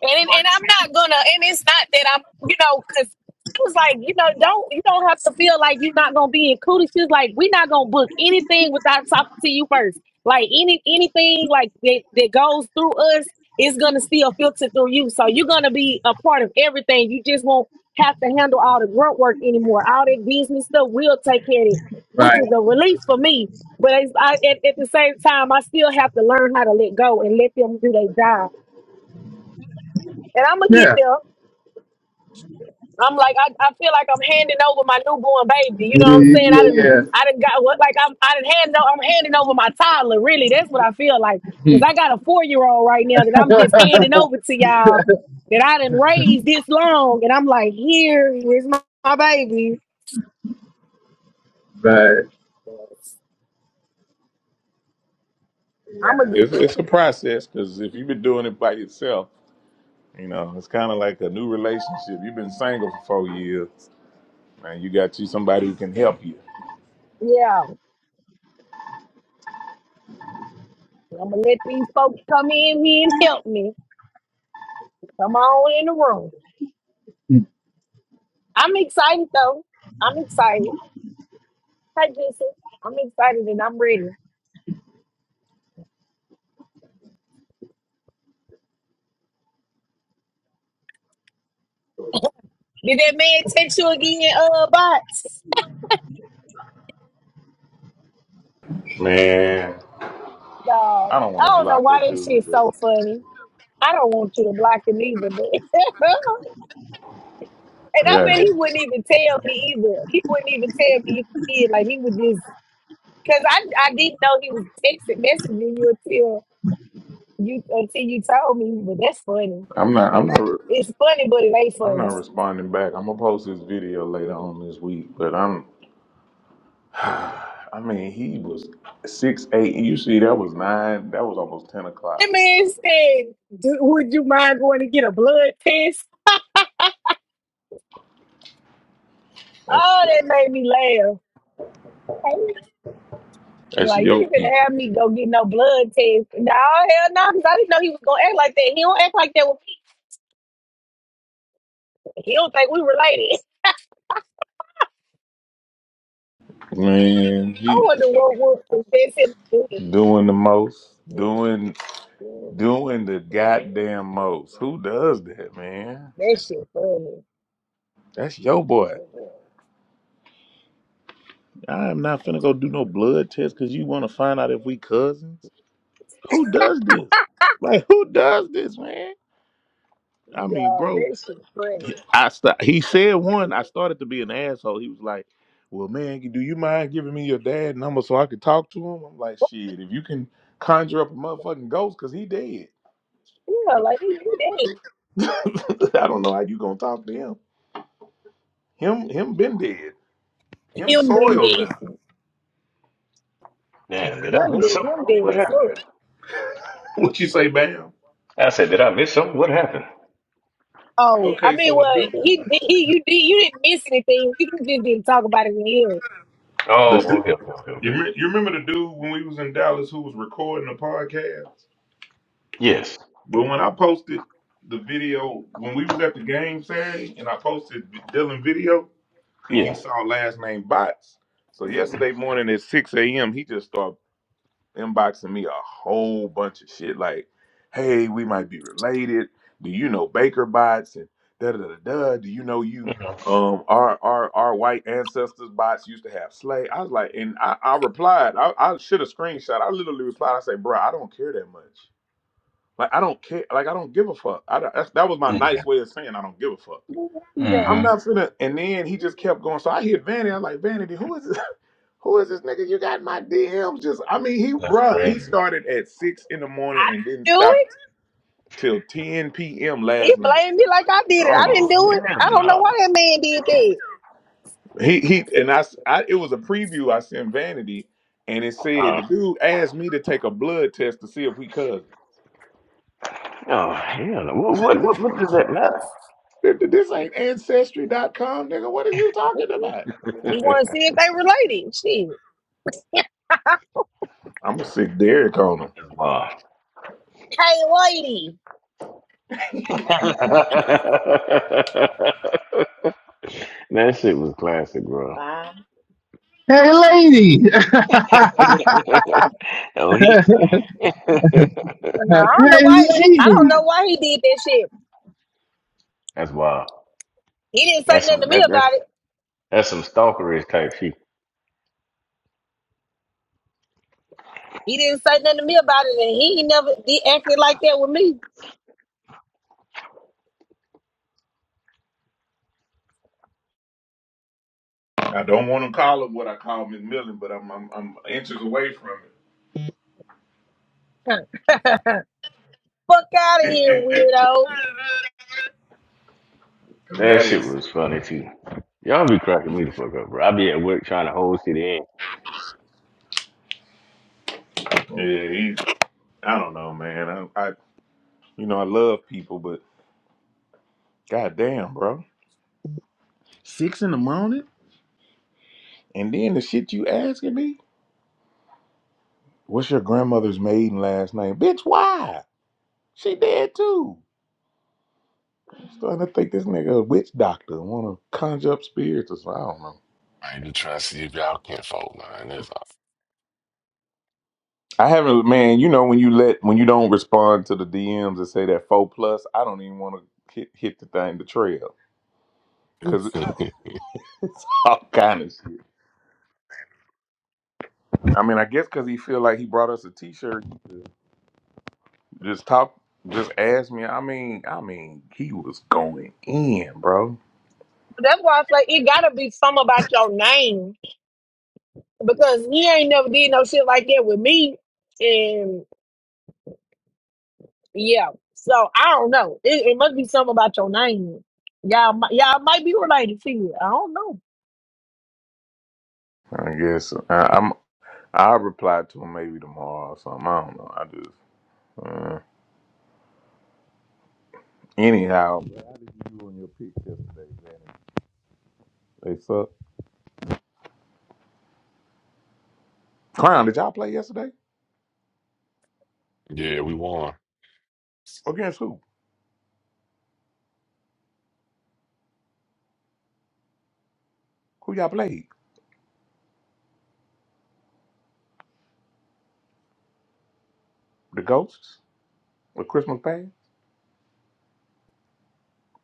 [SPEAKER 5] And and I'm not gonna. And it's not that I'm, you know, because she was like, you know, don't you don't have to feel like you're not gonna be included. She's like, we're not gonna book anything without talking to you first. Like any anything like that that goes through us is gonna still filter through you. So you're gonna be a part of everything. You just won't have to handle all the grunt work anymore. All that business stuff, we'll take care of it, which
[SPEAKER 1] Right.
[SPEAKER 5] is a relief for me. But it's, I, at, at the same time, I still have to learn how to let go and let them do their job. And I'm gonna get
[SPEAKER 1] Yeah.
[SPEAKER 5] there I'm like, I, I feel like I'm handing over my newborn baby. You know what I'm
[SPEAKER 1] yeah,
[SPEAKER 5] saying? I didn't, I didn't got what like I'm, I didn't hand no I'm handing over my toddler. Really, that's what I feel like because I got a four year old right now that I'm just
[SPEAKER 1] yeah.
[SPEAKER 5] handing over to y'all that I didn't raise this long, and I'm like, here, here's my, my baby.
[SPEAKER 1] but
[SPEAKER 5] I'm gonna
[SPEAKER 1] yeah.
[SPEAKER 5] get, yeah, I'm gonna let these folks come in here and help me. Come on in the room. I'm excited though. I'm excited. Hi, Jason. I'm excited and I'm ready. Did that man text you again, uh, bots? Dog, I don't know why that shit's so funny. I don't want you to block him either, but and I bet he wouldn't even tell me either. He wouldn't even tell me if he did. Like he would just because I I didn't know he was texting messaging you until you until you told me. But that's funny. It's funny, but it ain't funny. That man said, "Do- "Would you mind going to get a blood test?" Oh, that made me laugh. Hey. Like you even have me go get no blood test. No, hell no, because I didn't know he was gonna act like that. He don't act like that with people. He don't think we related. I wonder what will convince him to do it. That shit funny. No, that shit funny. Yeah, like he he dead. Him been dead.
[SPEAKER 3] Damn, did I
[SPEAKER 5] Him
[SPEAKER 3] miss
[SPEAKER 5] dead.
[SPEAKER 3] something?
[SPEAKER 5] Him dead
[SPEAKER 3] What
[SPEAKER 5] as
[SPEAKER 3] happened?
[SPEAKER 5] fuck.
[SPEAKER 3] I said, did I miss something? What happened?
[SPEAKER 5] Oh, I mean, well, he, he, you did, you didn't miss anything. You just didn't talk about it in here.
[SPEAKER 3] Oh, okay, okay, okay, okay. Yes. Yeah. Mhm. Yeah.
[SPEAKER 5] What he
[SPEAKER 3] hmm
[SPEAKER 5] doing?
[SPEAKER 3] That's crazy.
[SPEAKER 5] I didn't do it. He blamed me like I did it. I didn't
[SPEAKER 3] Oh
[SPEAKER 5] do it.
[SPEAKER 3] hell
[SPEAKER 5] I don't know
[SPEAKER 3] no!
[SPEAKER 5] why that man did that.
[SPEAKER 3] Uh, oh hell! no. What what what, what does that
[SPEAKER 5] He
[SPEAKER 3] matter?
[SPEAKER 5] wanted to see if they related. Shit.
[SPEAKER 3] Islam.
[SPEAKER 5] Hey, lady.
[SPEAKER 3] that shit was classic, bro.
[SPEAKER 1] Hey, lady.
[SPEAKER 3] oh, he in
[SPEAKER 5] No, I don't know
[SPEAKER 1] hey,
[SPEAKER 5] why. I
[SPEAKER 1] lady.
[SPEAKER 5] don't know why he did that shit.
[SPEAKER 3] That's wild.
[SPEAKER 5] He didn't say
[SPEAKER 3] That's
[SPEAKER 5] nothing
[SPEAKER 3] some
[SPEAKER 5] to me
[SPEAKER 3] that, that's
[SPEAKER 5] about it.
[SPEAKER 3] that's some stalkerish type shit.
[SPEAKER 5] He didn't say nothing to me about it, and he ain't never did acted like that with me. Fuck out of here, weirdo.
[SPEAKER 3] That shit was funny too. Y'all be cracking me the fuck up, bro. I be at work trying to hold shit in.
[SPEAKER 6] I ain't just trying to see if y'all can fold man. That's all.
[SPEAKER 5] That's why I say it gotta be something about your name. because he ain't never did no shit like that with me. And yeah, so I don't know. It, it must be something about your name. Y'all, mi- y'all might be related to you. I don't know.
[SPEAKER 6] yeah, we won.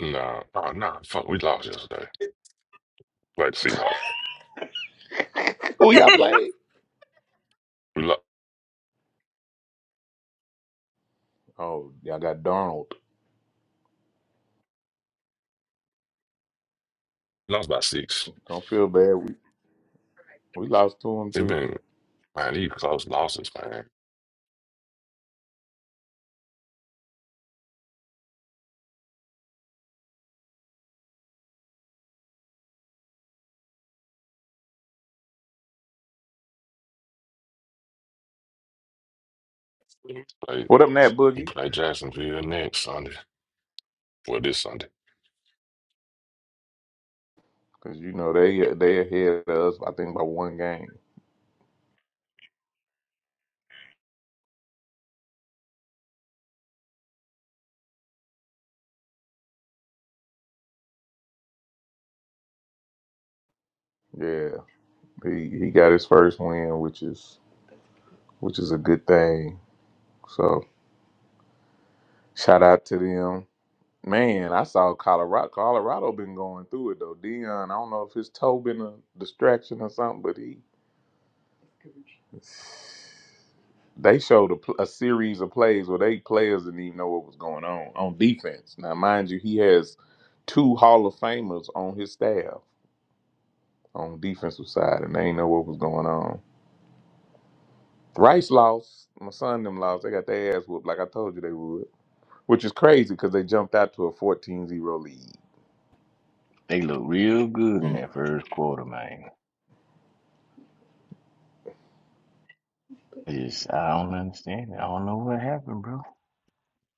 [SPEAKER 6] Nah, oh, nah, fuck, we lost yesterday. Like the Seahawks, we lo- lost by six. They've been man, these close losses, man. Like we play Jacksonville next Sunday. Well, this Sunday.
[SPEAKER 3] They look real good in that first quarter, man. It's, I don't understand it. I don't know what happened, bro.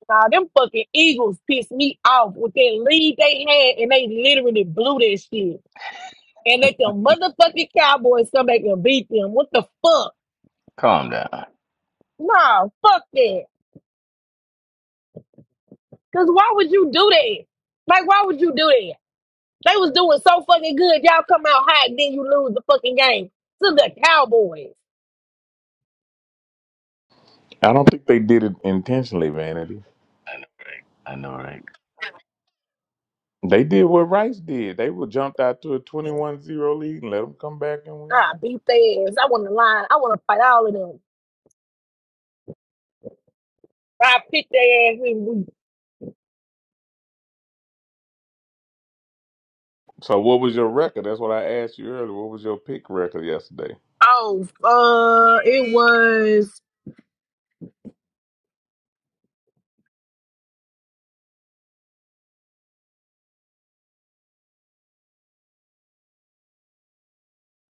[SPEAKER 5] Nah, them fucking Eagles pissed me off with that lead they had, and they literally blew that shit. And let the motherfucking Cowboys come back and beat them. What the fuck?
[SPEAKER 3] Calm down.
[SPEAKER 5] Nah, fuck that. Cause why would you do that? Like, why would you do that? They was doing so fucking good. Y'all come out hot, then you lose the fucking game to the Cowboys.
[SPEAKER 3] I know, right?
[SPEAKER 5] Ah, beat their ass. I want to line. I want to fight all of them. I picked their ass and we oh uh it was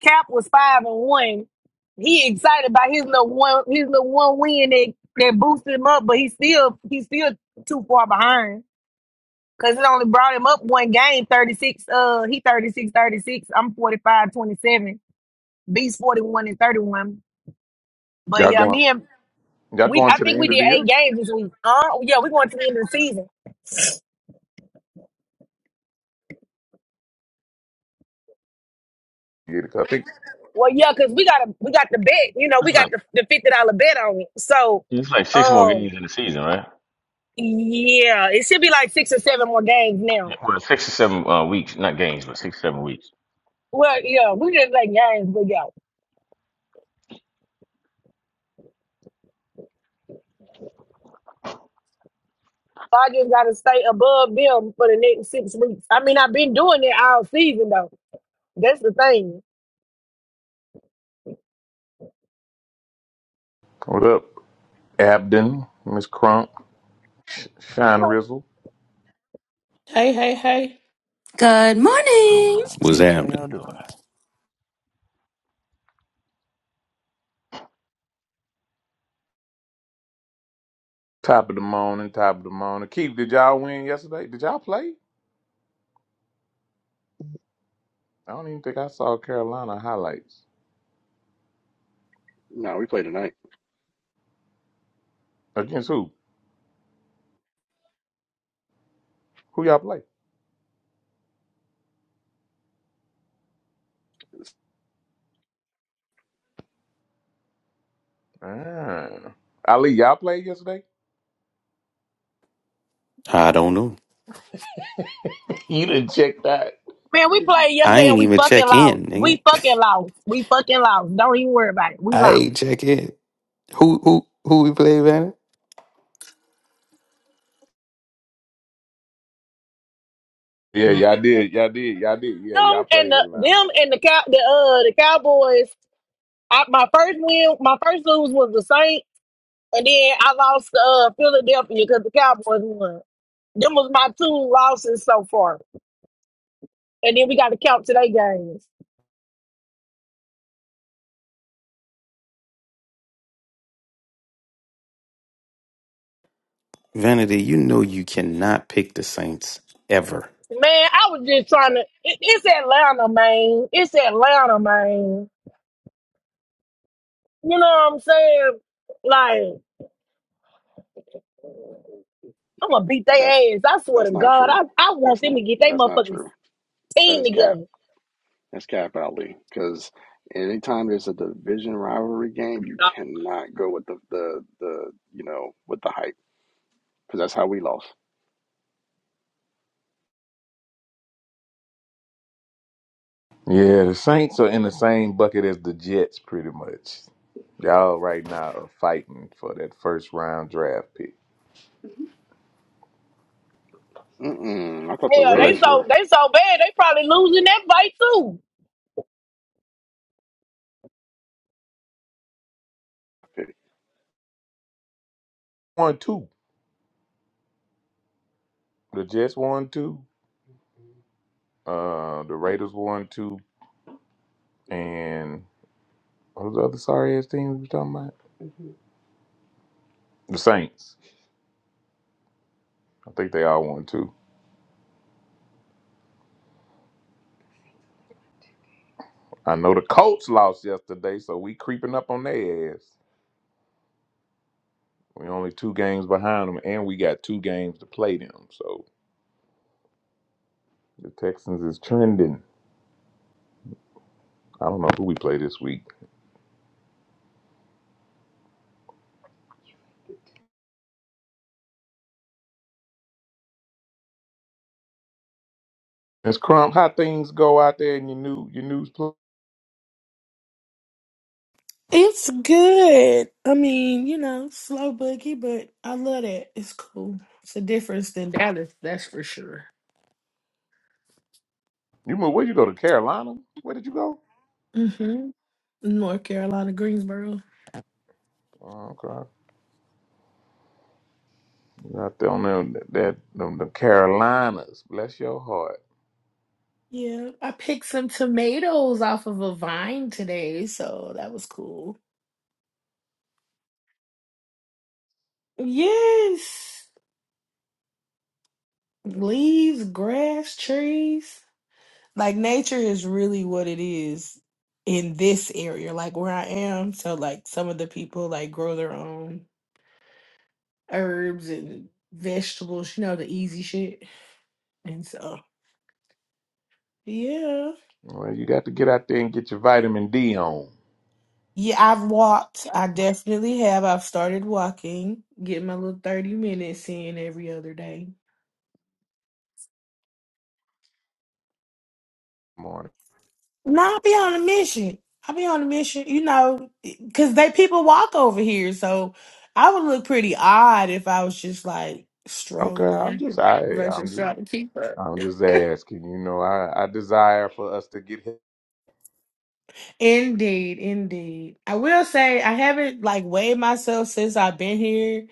[SPEAKER 5] Cap was five and one. He excited about his little one his little one win that, that boosted him up, but he still he's still too far behind. Cause it only brought him up one game, 36. Uh he thirty six, thirty six. I'm 45, 27. Beast 41 and 31. But yeah, me and we I think we did eight games this week. Uh yeah, we going to the end of the season. Well, yeah, because we got a we got the bet, you know, we
[SPEAKER 3] It's
[SPEAKER 5] got
[SPEAKER 3] like
[SPEAKER 5] the the fifty dollar bet on it. So
[SPEAKER 3] it's like six more
[SPEAKER 5] um
[SPEAKER 3] games in the season, right?
[SPEAKER 5] yeah, it should be like six or seven more games
[SPEAKER 3] Yeah,
[SPEAKER 5] now.
[SPEAKER 3] Well, six or seven uh, weeks, not games, but six seven weeks.
[SPEAKER 5] Well, yeah, we just like games, but yeah. I just gotta stay above them for the next six weeks. I mean, I've been doing it all season though. That's the thing.
[SPEAKER 7] Hey, hey, hey.
[SPEAKER 8] Good
[SPEAKER 3] What's going
[SPEAKER 8] morning.
[SPEAKER 3] on,
[SPEAKER 9] What's
[SPEAKER 3] Peach? How y'all
[SPEAKER 9] happening?
[SPEAKER 3] doing?
[SPEAKER 10] No, we play tonight.
[SPEAKER 9] I don't know.
[SPEAKER 5] Man, we played
[SPEAKER 9] I
[SPEAKER 5] yesterday
[SPEAKER 9] ain't
[SPEAKER 5] and we
[SPEAKER 9] even
[SPEAKER 5] fucking
[SPEAKER 9] check
[SPEAKER 5] lost.
[SPEAKER 9] in, nigga.
[SPEAKER 5] We fucking lost. We fucking lost. Don't even worry about it. We
[SPEAKER 9] I
[SPEAKER 5] lost.
[SPEAKER 9] ain't check in. Who who who we play, Vanity?
[SPEAKER 5] Them and the them and the cow the uh the Cowboys. I, my first win, my first lose was the Saints, and then I lost to uh Philadelphia because the Cowboys won. Them was my two losses so far, and then we got to count today games.
[SPEAKER 9] Vanity, you know you cannot pick the Saints ever.
[SPEAKER 5] Man, I was just trying to. It, it's Atlanta, man. It's Atlanta, man. You know what I'm saying? Like. I'm gonna beat
[SPEAKER 10] That's
[SPEAKER 5] their ass. I swear to
[SPEAKER 10] that's not
[SPEAKER 5] God,
[SPEAKER 10] true.
[SPEAKER 5] I, I want
[SPEAKER 10] That's
[SPEAKER 5] them to
[SPEAKER 10] not
[SPEAKER 5] get their
[SPEAKER 10] that's not
[SPEAKER 5] motherfucking
[SPEAKER 10] true. That
[SPEAKER 5] team
[SPEAKER 10] is cap.
[SPEAKER 5] together.
[SPEAKER 10] That's cap, Ali. Because anytime there's a division rivalry game, you cannot go with the the, the you know with the hype because that's how we lost. Mm-mm, I thought the
[SPEAKER 5] Hell, they
[SPEAKER 10] Raiders
[SPEAKER 5] so
[SPEAKER 10] were.
[SPEAKER 5] they so bad. They probably losing that fight too.
[SPEAKER 7] It's good. I mean, you know, slow boogie, but I love that. It's cool. It's a difference than Dallas, that's for sure. Mm-hmm. North Carolina, Greensboro. Yeah. I picked some tomatoes off of a vine today, so that was cool. Yes. Leaves, grass, trees. Like nature is really what it is in this area, like where I am. So like some of the people like grow their own herbs and vegetables, you know, the easy shit. And so, yeah. Yeah, I've walked. I definitely have. I've started walking, getting my little 30 minutes in every other day. No, I'll be on a mission. I'll be on a mission, you know, because they people walk over here. So I would look pretty odd if I was just like strolling versus trying to keep up. Indeed, indeed. I will say I haven't like weighed myself since I've been here,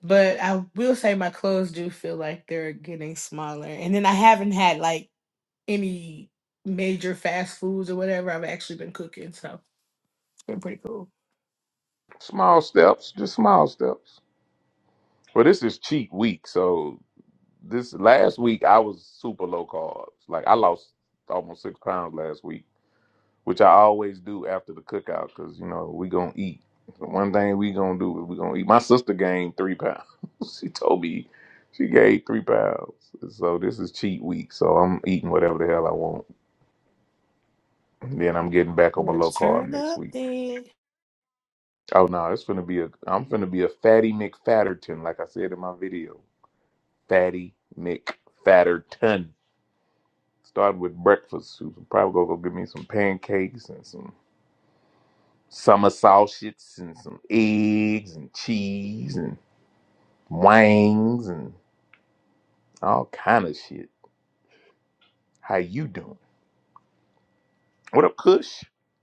[SPEAKER 7] but I will say my clothes do feel like they're getting smaller. And then I haven't had like any major fast foods or whatever. I've actually been cooking, so it's been pretty cool. Yeah, Turn up then.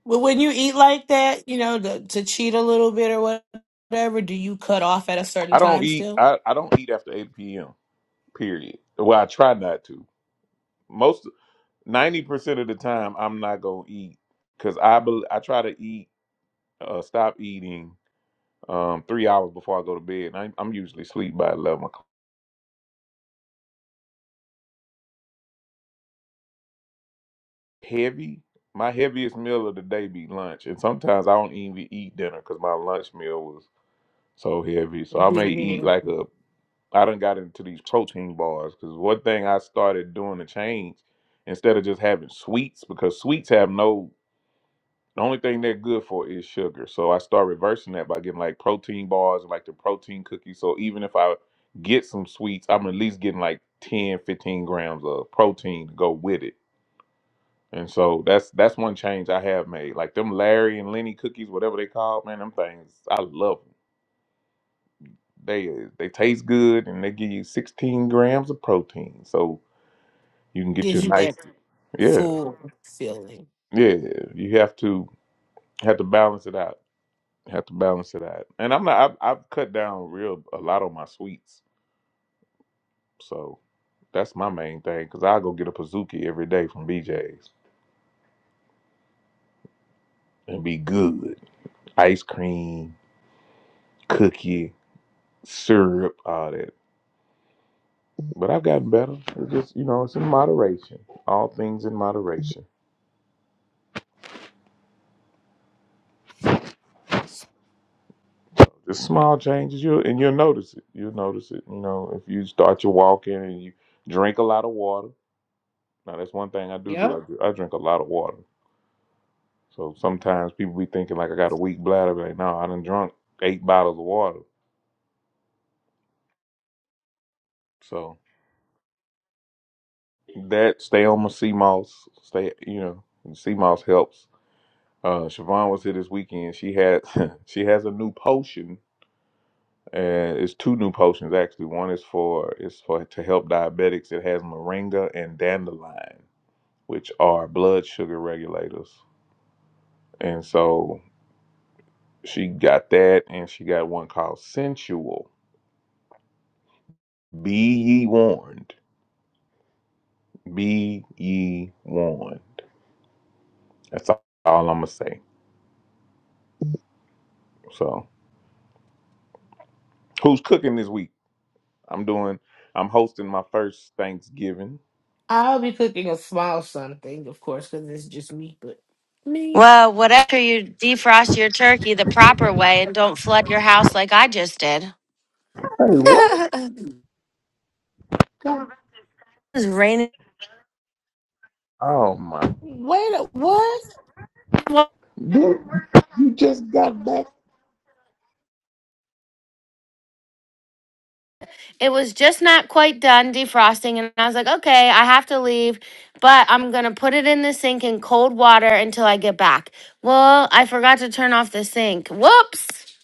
[SPEAKER 7] Well, when you eat like that, you know, to, to cheat a little bit or what- whatever, do you cut off at a certain time still? A big meal gives you that full feeling. Yep. I'll be cooking a small something, of course, because it's just me. But me,
[SPEAKER 8] Well, whatever you defrost your turkey the proper way and don't flood your house like I just did. It was raining.
[SPEAKER 7] wait, a- what?
[SPEAKER 8] Well, It was just not quite done defrosting, and I was like, okay, I have to leave, but I'm gonna put it in the sink in cold water until I get back. Well, I forgot to turn off the sink. Whoops.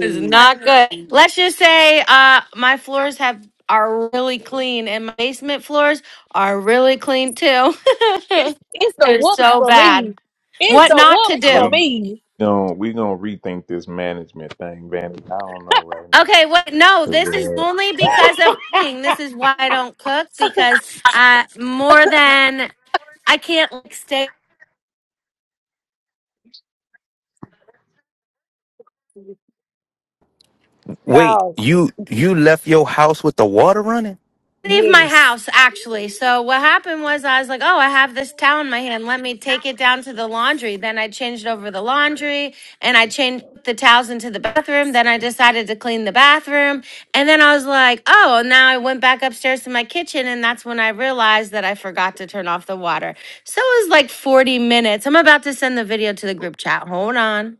[SPEAKER 8] It's not good. Let's just say uh, my floors have are really clean, and my basement floors are really clean too.
[SPEAKER 5] It's it's the
[SPEAKER 8] is
[SPEAKER 5] whoops
[SPEAKER 8] so
[SPEAKER 5] for
[SPEAKER 8] bad.
[SPEAKER 5] me. It's
[SPEAKER 8] What
[SPEAKER 5] the
[SPEAKER 8] not to
[SPEAKER 5] whoops for
[SPEAKER 8] do?
[SPEAKER 5] me,
[SPEAKER 8] Okay, what? No, this is only because of cooking. This is why I don't cook because I more than I can't like stay.
[SPEAKER 9] Wait,
[SPEAKER 5] dog.
[SPEAKER 9] you you left your house with the water running?
[SPEAKER 8] leave my
[SPEAKER 5] Yes,
[SPEAKER 8] house actually. So what happened was I was like, "Oh, I have this towel in my hand. Let me take it down to the laundry." Then I changed over the laundry and I changed the towels into the bathroom. Then I decided to clean the bathroom, and then I was like, "Oh," and now I went back upstairs to my kitchen and that's when I realized that I forgot to turn off the water. So it was like 40 minutes. I'm about to send the video to the group chat. Hold on.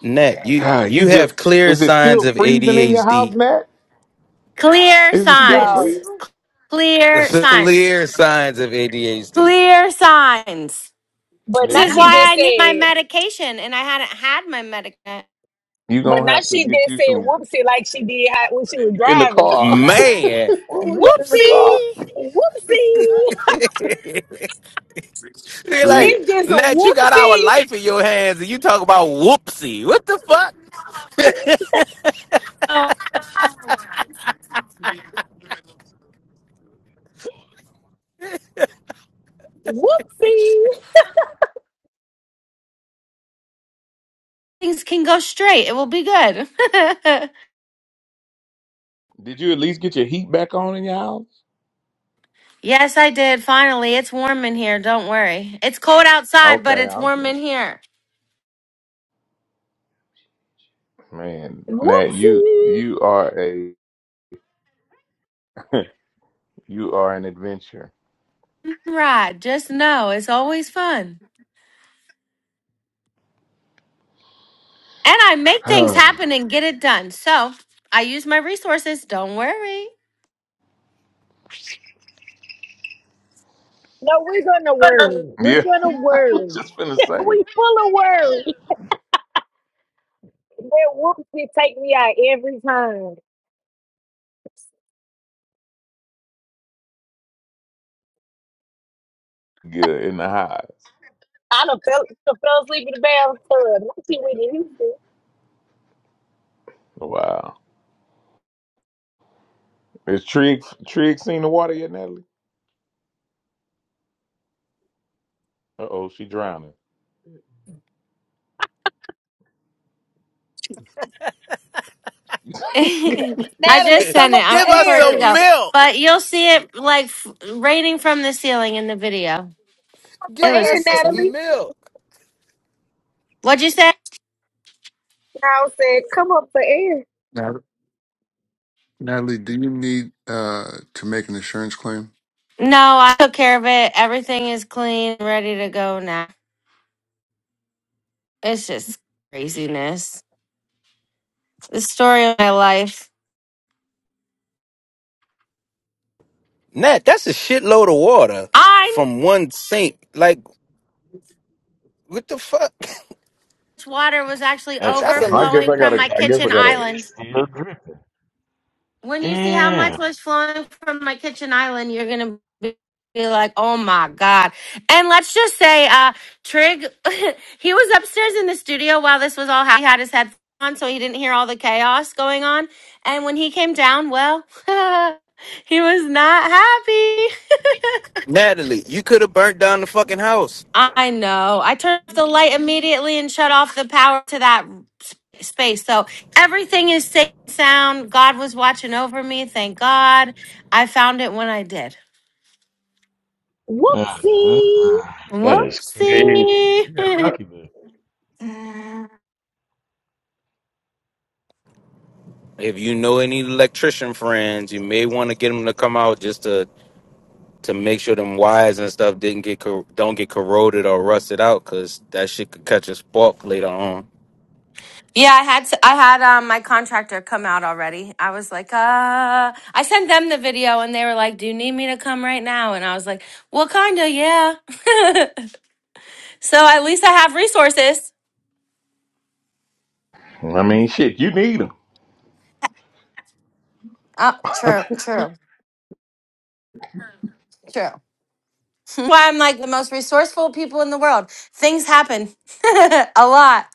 [SPEAKER 9] Nat, you you have clear signs of ADHD.
[SPEAKER 8] Clear
[SPEAKER 5] dog.
[SPEAKER 8] signs. Clear signs.
[SPEAKER 9] clear signs of ADHD.
[SPEAKER 8] Clear signs.
[SPEAKER 5] But
[SPEAKER 8] This
[SPEAKER 5] now
[SPEAKER 8] is
[SPEAKER 5] she
[SPEAKER 8] why
[SPEAKER 5] just
[SPEAKER 8] I need my
[SPEAKER 5] said.
[SPEAKER 8] medication, and I hadn't had my medication.
[SPEAKER 5] But now she just said whoopsie like she did how, when she was driving.
[SPEAKER 9] Man.
[SPEAKER 5] Whoopsie,
[SPEAKER 9] Whoopsie.
[SPEAKER 5] whoopsie.
[SPEAKER 9] They like,
[SPEAKER 5] It's just a
[SPEAKER 9] Matt, you got our
[SPEAKER 5] whoopsie,
[SPEAKER 9] life in your hands and you talk about whoopsie. What the fuck?
[SPEAKER 8] Oh,
[SPEAKER 5] whoopsie.
[SPEAKER 8] things can go straight. It will be good. yes, I did. Finally, it's warm in here. Don't worry. It's cold outside, but it's warm in here.
[SPEAKER 5] Whoopsie.
[SPEAKER 8] Right. Just know it's always fun. And I make things happen and get it done. So I use my resources. Don't worry.
[SPEAKER 5] No, we're gonna worry. We're gonna worry. we full of worry. That whoopsie take me out every time. I done fell, done fell asleep in the bathtub. I see we did Houston.
[SPEAKER 8] I
[SPEAKER 5] Natalie,
[SPEAKER 8] just
[SPEAKER 5] come
[SPEAKER 8] sent
[SPEAKER 5] up
[SPEAKER 8] it. I'm
[SPEAKER 5] for
[SPEAKER 9] Give
[SPEAKER 8] waiting
[SPEAKER 9] us
[SPEAKER 8] for it to
[SPEAKER 5] air.
[SPEAKER 9] some
[SPEAKER 8] go.
[SPEAKER 9] milk.
[SPEAKER 8] But you'll see it like f- raining from the ceiling in the video.
[SPEAKER 5] Come For
[SPEAKER 8] It
[SPEAKER 9] Give
[SPEAKER 8] was
[SPEAKER 5] air,
[SPEAKER 9] us some
[SPEAKER 8] crazy.
[SPEAKER 5] Natalie.
[SPEAKER 9] milk.
[SPEAKER 8] What'd you say?
[SPEAKER 5] I said, come up for air.
[SPEAKER 11] Nat- Natalie, do you need uh, to make an insurance claim?
[SPEAKER 8] No, I took care of it. Everything is clean, ready to go now. It's just craziness. The story of my life.
[SPEAKER 9] Nat, that's a shitload of water
[SPEAKER 8] I knew
[SPEAKER 9] from one sink. Like, what the fuck?
[SPEAKER 8] this water was actually
[SPEAKER 3] That's
[SPEAKER 9] That's a
[SPEAKER 3] crazy.
[SPEAKER 8] overflowing
[SPEAKER 3] I'm
[SPEAKER 8] from
[SPEAKER 3] looking
[SPEAKER 8] my
[SPEAKER 3] at it. and
[SPEAKER 8] kitchen
[SPEAKER 3] It's
[SPEAKER 8] island.
[SPEAKER 3] it's still dripping.
[SPEAKER 8] when you see how much
[SPEAKER 3] Damn.
[SPEAKER 8] was flowing from my kitchen island, you're gonna be be like, "Oh my god!" And let's just say, uh, Trig, he was upstairs in the studio while this was all. happening. He had his headphones on, so he didn't hear all the chaos going on. And when he came down, well, he was not happy.
[SPEAKER 9] Natalie, you could have burnt down the fucking house.
[SPEAKER 8] I know. I turned off the light immediately and shut off the power to that sp- space. So everything is safe and sound. God was watching over me. Thank God. I found it when I did.
[SPEAKER 3] Uh-huh.
[SPEAKER 5] Whoopsie.
[SPEAKER 3] That is crazy.
[SPEAKER 8] Whoopsie.
[SPEAKER 3] You got
[SPEAKER 8] yeah,
[SPEAKER 3] lucky, man.
[SPEAKER 8] I
[SPEAKER 9] If you know any electrician friends, you may want to get them to come out just to to make sure them wires and stuff didn't get cor- don't get corroded or rusted out, cause that shit could catch a spark later on.
[SPEAKER 8] had to, I had um, my contractor come out already. I was like, uh, I sent them the video and they were like, "Do you need me to come right now?" And I was like, "Well, kinda, yeah." so at least I have resources. Oh, true, true, true. Why I'm like the most resourceful people in the world. Things happen a lot.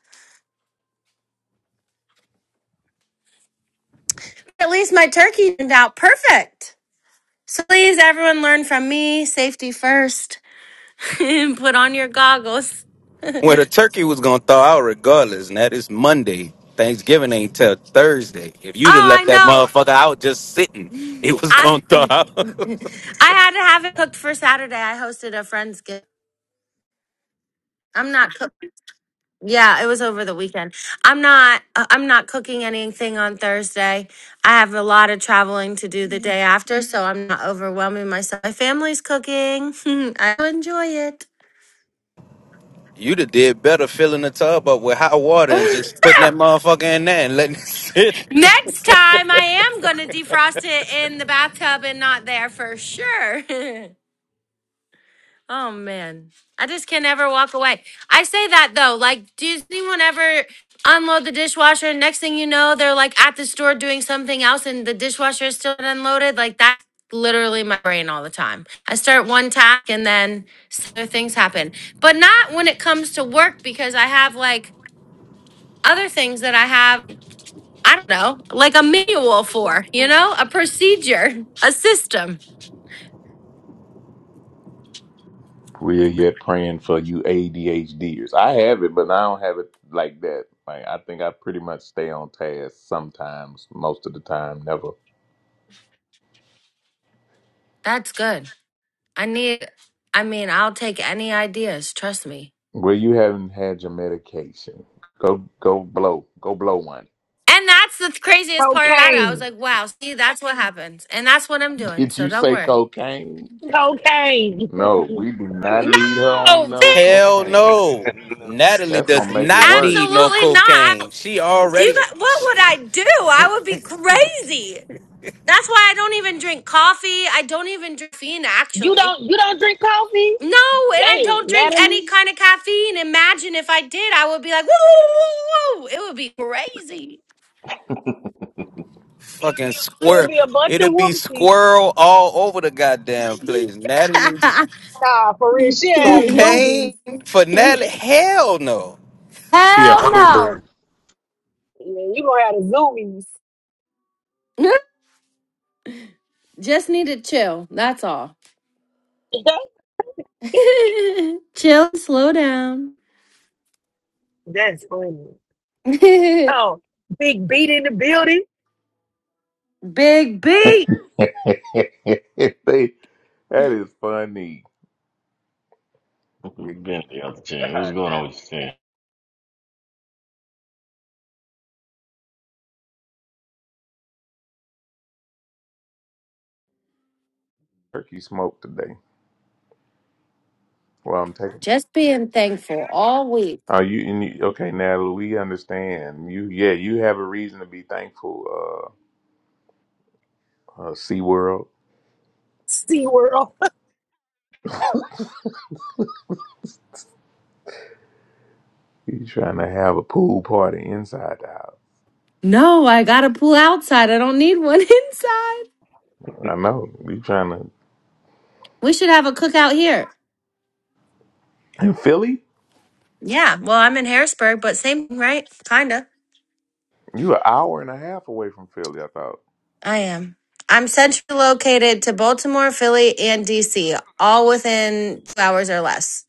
[SPEAKER 8] At least my turkey turned out perfect. So please, everyone, learn from me. Safety first. Put on your goggles.
[SPEAKER 9] Well, the turkey was gonna thaw out regardless, and that is Monday. Thanksgiving ain't till Thursday. If
[SPEAKER 8] Oh,
[SPEAKER 9] you'd have
[SPEAKER 8] I
[SPEAKER 9] left that
[SPEAKER 8] know.
[SPEAKER 9] motherfucker out just sitting, it was gonna
[SPEAKER 8] I
[SPEAKER 9] thaw out.
[SPEAKER 8] I had to have it cooked for Saturday. I hosted a friend's gift. I'm not cook. Yeah, it was over the weekend. I'm not uh, I'm not cooking anything on Thursday. I have a lot of traveling to do the day after, so I'm not overwhelming myself. My family's cooking. I enjoy it.
[SPEAKER 9] you'd have did better filling the tub up with hot water and just putting that motherfucker in there and letting it sit.
[SPEAKER 8] Next time I am going to defrost it in the bathtub and not there for sure. Oh man, I just can never walk away. I say that though, like, does anyone ever unload the dishwasher? and Next thing you know, they're like at the store doing something else, and the dishwasher is still unloaded. Like that's literally my brain all the time. I start one task, and then other things happen. But not when it comes to work because I have like other things that I have. I don't know, like a manual for, you know, a procedure, a system. That's good. I need, I mean, I'll take any ideas, trust me. And that's the craziest part about it. I was
[SPEAKER 5] Cocaine.
[SPEAKER 8] like, wow, see, that's what happens. And that's what I'm doing. So don't worry.
[SPEAKER 5] Cocaine.
[SPEAKER 8] No,
[SPEAKER 3] No, she didn't.
[SPEAKER 8] bitch,
[SPEAKER 9] Hell no.
[SPEAKER 3] no, she
[SPEAKER 9] Natalie
[SPEAKER 3] didn't.
[SPEAKER 9] does
[SPEAKER 3] She
[SPEAKER 9] not
[SPEAKER 3] didn't
[SPEAKER 9] need
[SPEAKER 3] see
[SPEAKER 9] no
[SPEAKER 8] absolutely not. I,
[SPEAKER 9] cocaine. She
[SPEAKER 8] do you
[SPEAKER 9] already
[SPEAKER 8] got, what would I do? I would be crazy. That's why I don't even drink coffee. I don't even drink caffeine,
[SPEAKER 5] You
[SPEAKER 8] actually.
[SPEAKER 5] don't you don't drink coffee?
[SPEAKER 8] No, and I
[SPEAKER 5] Dang,
[SPEAKER 8] don't drink
[SPEAKER 5] Natalie.
[SPEAKER 8] any kind of caffeine. Imagine if I did, I would be like, woo, woo, woo, woo. It would be crazy.
[SPEAKER 3] it.
[SPEAKER 9] fucking
[SPEAKER 5] It'll
[SPEAKER 9] squirrel.
[SPEAKER 5] be a bunch of
[SPEAKER 9] It'll be
[SPEAKER 5] whoopsies.
[SPEAKER 9] squirrel all over the goddamn place. Natalie,
[SPEAKER 5] Nah, for real. She had a
[SPEAKER 9] cocaine
[SPEAKER 5] zoomies.
[SPEAKER 9] for Natalie? Hell no.
[SPEAKER 12] Yeah, I
[SPEAKER 8] Hell
[SPEAKER 12] remember.
[SPEAKER 8] no.
[SPEAKER 5] Yeah, you gonna have the zoomies.
[SPEAKER 8] Just need to chill. That's all. Chill, slow down.
[SPEAKER 5] That's funny.
[SPEAKER 8] Big
[SPEAKER 5] Oh, big beat in the building.
[SPEAKER 8] B.
[SPEAKER 3] Been the other
[SPEAKER 13] God
[SPEAKER 3] team. What's going
[SPEAKER 13] damn
[SPEAKER 3] on
[SPEAKER 13] it.
[SPEAKER 3] with your
[SPEAKER 13] Come on.
[SPEAKER 8] Just being thankful all week.
[SPEAKER 5] Sea World.
[SPEAKER 8] No, I got a pool outside. I don't need one inside. We should have a cookout here. Yeah, well, I'm in Harrisburg, but same, thing, right? Kinda. I am. I'm centrally located to Baltimore, Philly, and DC, all within two hours or less.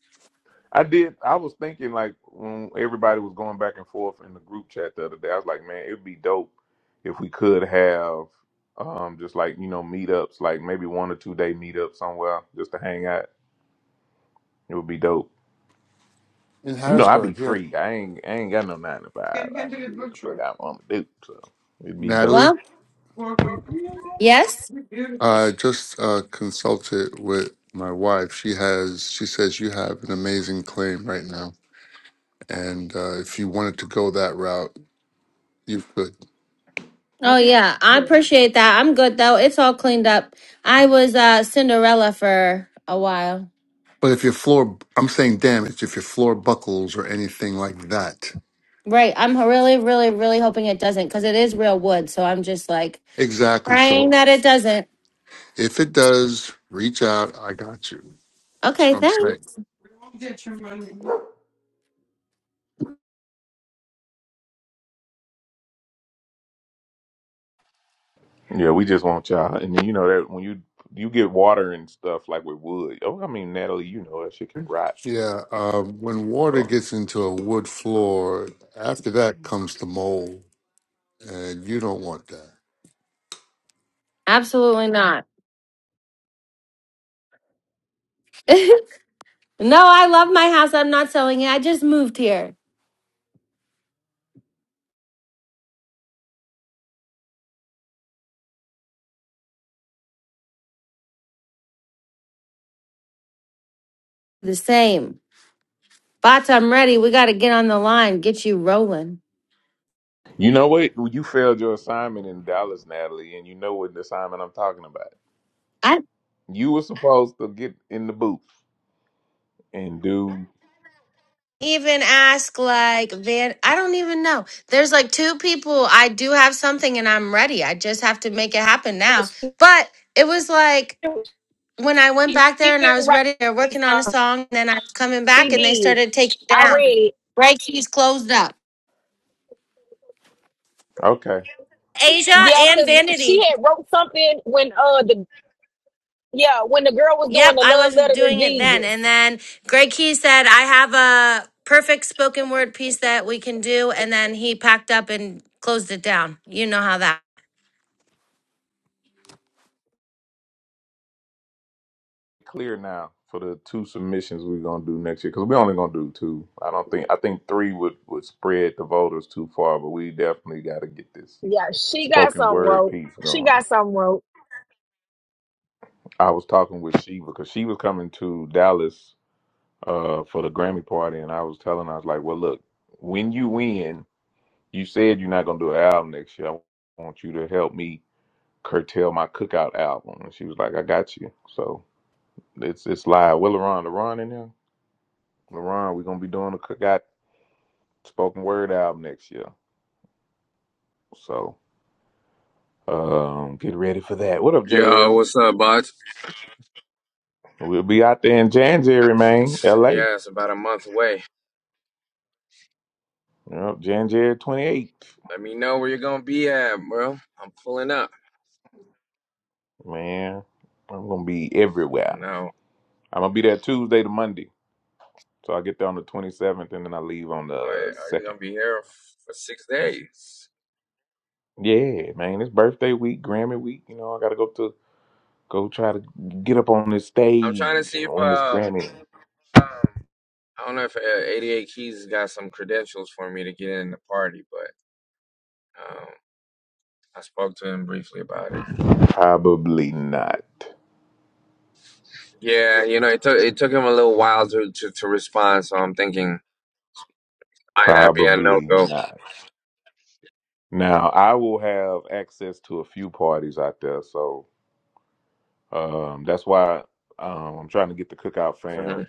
[SPEAKER 11] In Harrisburg, here. Natalie,
[SPEAKER 8] Well, yes.
[SPEAKER 11] I just uh, consulted with my wife. She has, she says you have an amazing claim right now. And uh, if you wanted to go that route, you could.
[SPEAKER 8] Oh yeah, I appreciate that. I'm good though. It's all cleaned up. I was uh Cinderella for a while.
[SPEAKER 11] But if your floor, I'm saying damage, if your floor buckles or anything like that.
[SPEAKER 8] Right. I'm really, really, really hoping it doesn't because it is real wood. So I'm just like
[SPEAKER 11] Exactly.
[SPEAKER 8] praying
[SPEAKER 11] So
[SPEAKER 8] that it doesn't.
[SPEAKER 11] if it does, reach out. I got you. That's
[SPEAKER 8] Okay,
[SPEAKER 11] what I'm saying.
[SPEAKER 8] thanks.
[SPEAKER 11] Yeah, uh, when water gets into a wood floor, after that comes the mold, and you don't want that.
[SPEAKER 8] Absolutely not. no, I love my house. I'm not selling it. I just moved here. The same. Bots, I'm ready. We got to get on the line, get you rolling. I, even ask like Van I don't even know. There's like two people I do have something and I'm ready. I just have to make it happen now.
[SPEAKER 5] she,
[SPEAKER 8] But it was like when I went
[SPEAKER 5] she
[SPEAKER 8] back there
[SPEAKER 5] did
[SPEAKER 8] and I was
[SPEAKER 5] write.
[SPEAKER 8] ready, they're working on a
[SPEAKER 5] Um,
[SPEAKER 8] song, and then I was coming back
[SPEAKER 5] she
[SPEAKER 8] and they
[SPEAKER 5] did.
[SPEAKER 8] started taking it
[SPEAKER 5] I
[SPEAKER 8] down.
[SPEAKER 5] read.
[SPEAKER 8] Right keys closed up. Asia
[SPEAKER 5] Yeah,
[SPEAKER 8] and
[SPEAKER 5] cause she
[SPEAKER 8] Vanity.
[SPEAKER 5] had wrote something when uh the yeah when the girl was doing
[SPEAKER 8] Yep,
[SPEAKER 5] the
[SPEAKER 8] I
[SPEAKER 5] love
[SPEAKER 8] was
[SPEAKER 5] letter to
[SPEAKER 8] doing it then. And
[SPEAKER 5] Jesus.
[SPEAKER 8] then Greg Key said, I have a perfect spoken word piece that we can do. And then he packed up and closed it down. You know how that
[SPEAKER 5] Yeah, she got some wrote. She got some wrote.
[SPEAKER 14] Yo, what's up, bud? Yeah, it's about a month away. Let me know where you're gonna be at, bro. I'm pulling up. I know. Are you, are you gonna be here f- for six days? I'm trying to see if um I don't know if uh, 88 Keys has got some credentials for me to get in the party, but um I spoke to him briefly about it. Yeah, you know it took it took him a little while to to, to respond, so I'm thinking might not be a no go. hmm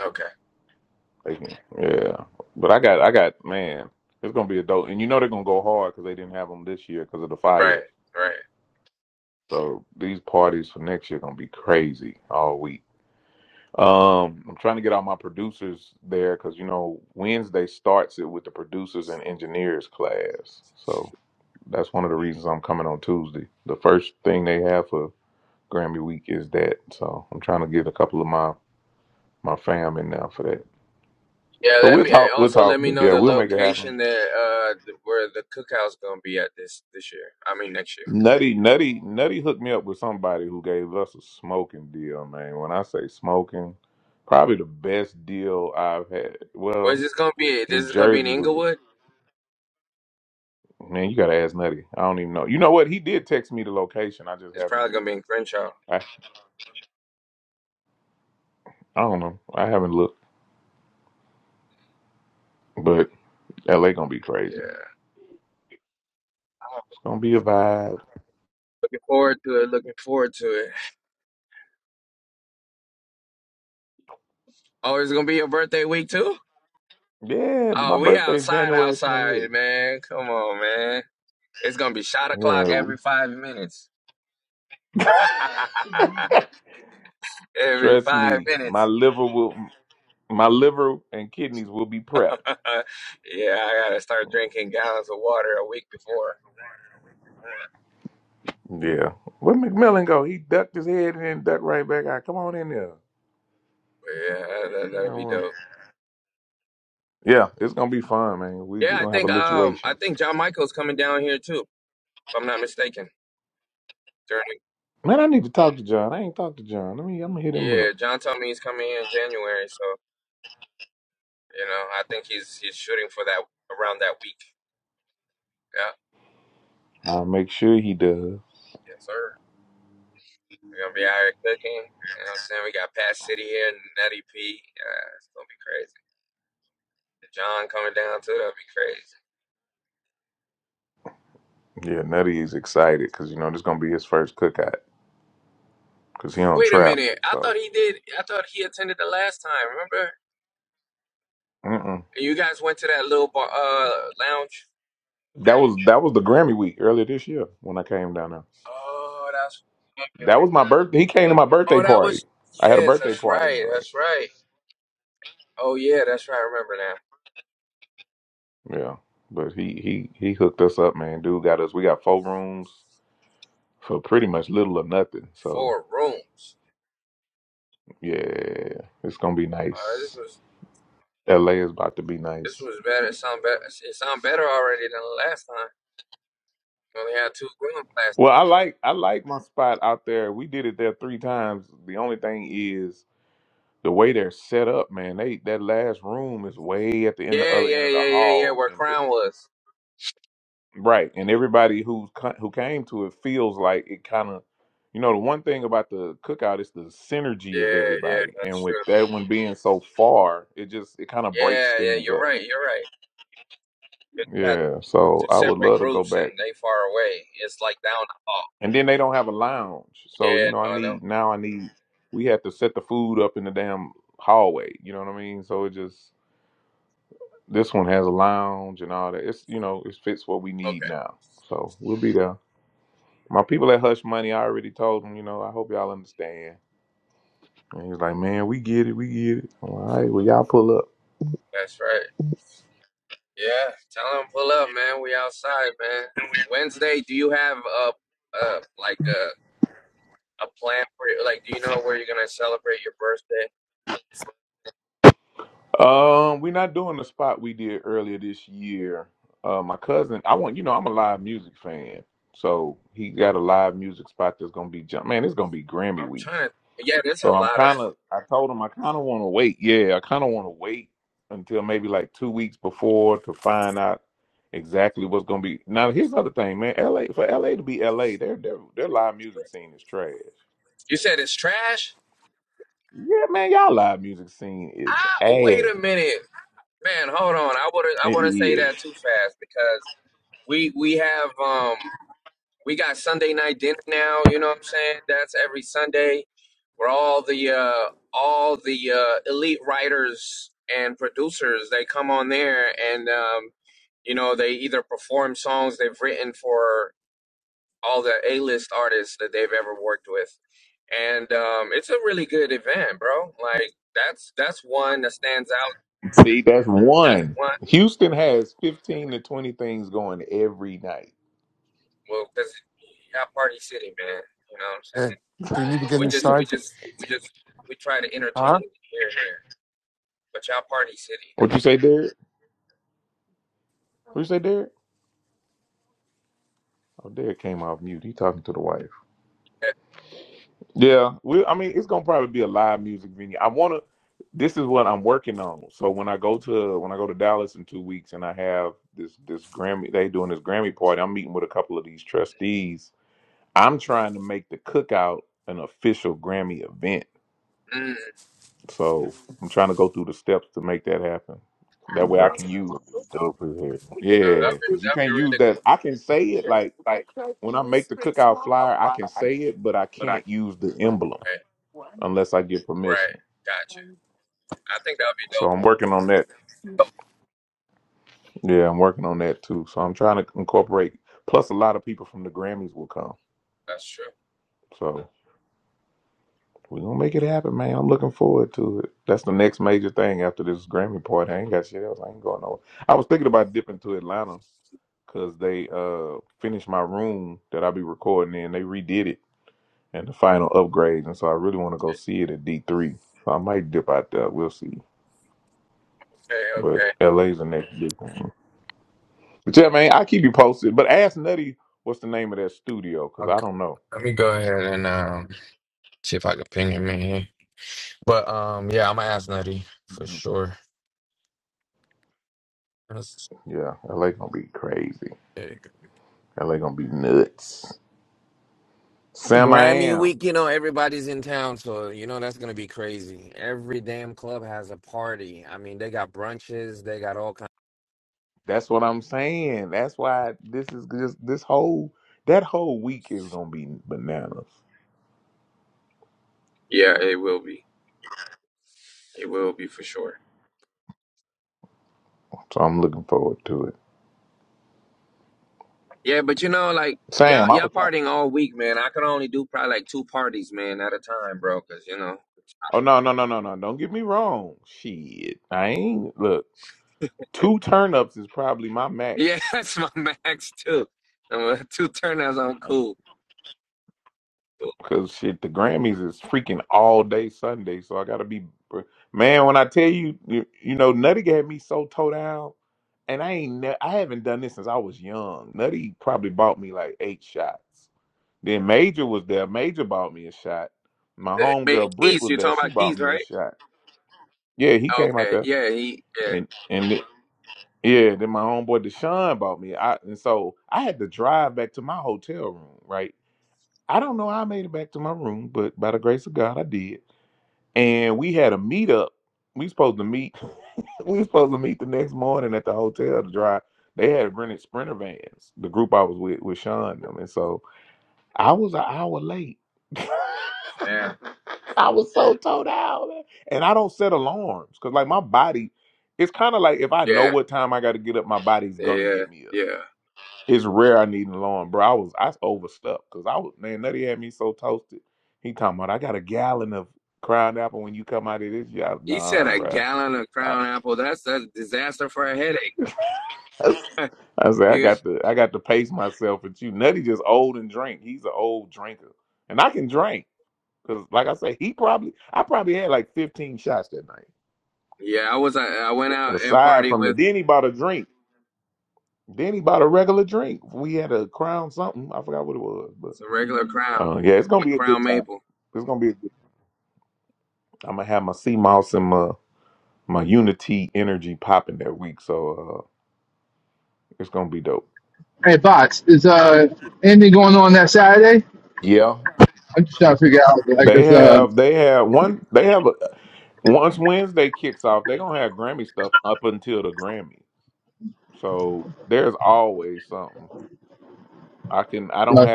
[SPEAKER 14] Okay, right, right. Yeah, let me eh, also let me know the location that uh th- where the cookout's gonna be at this this year. I mean next year. Where's this gonna be? This is gonna be in Inglewood. It's probably gonna be in Crenshaw. Yeah, I'm looking forward to it. Looking forward to it. Oh, it's gonna be your birthday week too. Oh, we outside, outside, man. Come on, man. It's gonna be shot o'clock every five minutes. every five minutes. yeah, I gotta start drinking gallons of water a week before. Yeah, that, that'll be dope. Yeah, I think um I think John Michael's coming down here too, if I'm not mistaken. During yeah, John told me he's coming here in January, so you know I think he's he's shooting for that around that week. Yeah, yes sir. We're gonna be out here cooking. You know what I'm saying? We got Pat City here, Nutty P. Yeah, it's gonna be crazy. John coming down too, that would be crazy. Wait a minute. I thought he did. I thought he attended the last time. Remember? And you guys went to that little bar uh lounge. Oh, that's Oh, that was yes, that's right, that's right. Oh yeah, that's right. I remember now. Four rooms. Uh, this was this was better. It sound better. It sound better already than the last time. We only had two rooms last. Yeah, yeah, yeah, yeah, yeah. Where Crown was. Yeah, yeah, that's true. Yeah, yeah, you're right. You're right. It's got two separate groups and they far away. It's like down the hall. Yeah, no, no. Okay, that's right. Yeah, tell them pull up, man. We outside, man. Wednesday, do you have a a like a a plan for it? Like, do you know where you're gonna celebrate your birthday? I'm trying to. Yeah, there's a lot of. stuff. You said it's trash. Ah, wait a minute, man. Hold on. I wouldn't. I wouldn't say that too fast because we we have um. we got Sunday night dinner now. You know what I'm saying? That's every Sunday, where all the uh, all the uh, elite writers and producers they come on there, and um, you know they either perform songs they've written for all the A-list artists that they've ever worked with, and um, it's a really good event, bro. Like that's that's one that stands out. That's one. Well, because Party City, man. You know what I'm saying?
[SPEAKER 11] Hey, do you need to get
[SPEAKER 14] We just, we
[SPEAKER 11] inside?
[SPEAKER 14] just, we just, we try to entertain
[SPEAKER 11] Huh?
[SPEAKER 14] here and there. But y'all party city though. mm, no,
[SPEAKER 3] team, bro? That would be dope as hell.
[SPEAKER 14] that'd be that'd be really cool. Right, right. Gotcha. I think that'd be dope. That's true. Okay, okay. Okay. Let me go ahead and um see if I can ping him in here. But um yeah, I'm gonna ask Nutty for sure. That's- there you go. Grammy week, you know, everybody's in town, so you know that's gonna be crazy. Every damn club has a party. I mean, they got brunches, they got all kinds. Yeah, it will be. It will be for sure. Yeah, but you know, like y'all y'all partying all week, man. I can only do probably like two parties, man, at a time, bro. Cause you know, yeah, that's my max too. Um, two turnouts, I'm cool. But Keith, you're talking about Keith, right? Okay, yeah, he, yeah, yeah, yeah, yeah, yeah. He said a gallon of Crown Apple. That's that's disaster for a headache. yeah, yeah. I was I, I went out and party with some regular Crown, m- Crown Maple.
[SPEAKER 1] Hey, bots. Is uh anything going on that Saturday? I'm just trying to figure out. I guess uh. uh,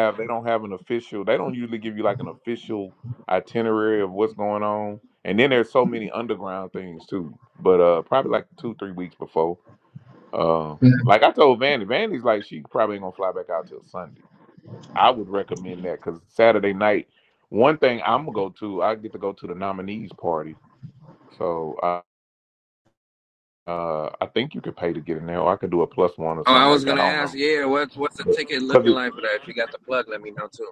[SPEAKER 14] Oh, I was gonna ask, yeah, what's what's the ticket looking like for that? If you got the plug, let me know too.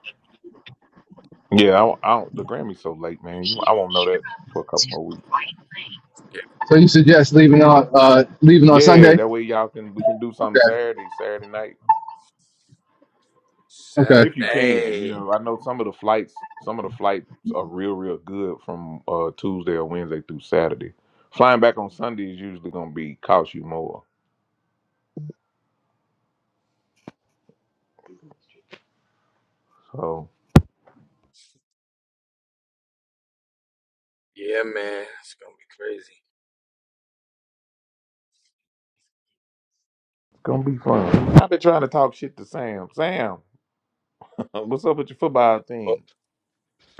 [SPEAKER 14] Yeah.
[SPEAKER 1] So you suggest leaving on uh leaving on Sunday? Okay. Okay.
[SPEAKER 14] Saturday. Yeah, man. It's gonna be crazy.
[SPEAKER 13] Well,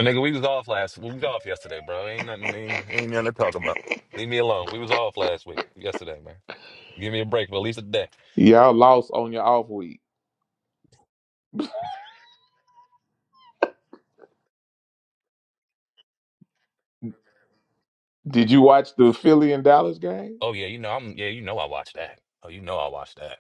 [SPEAKER 13] nigga, we was off last. We was off yesterday, bro. Ain't nothing. Ain't, ain't nothing to talk about. Leave me alone. We was off last week, yesterday, man. Give me a break for at least a day. Oh yeah, you know I'm. Yeah, you know I watched that. Oh, you know I watched that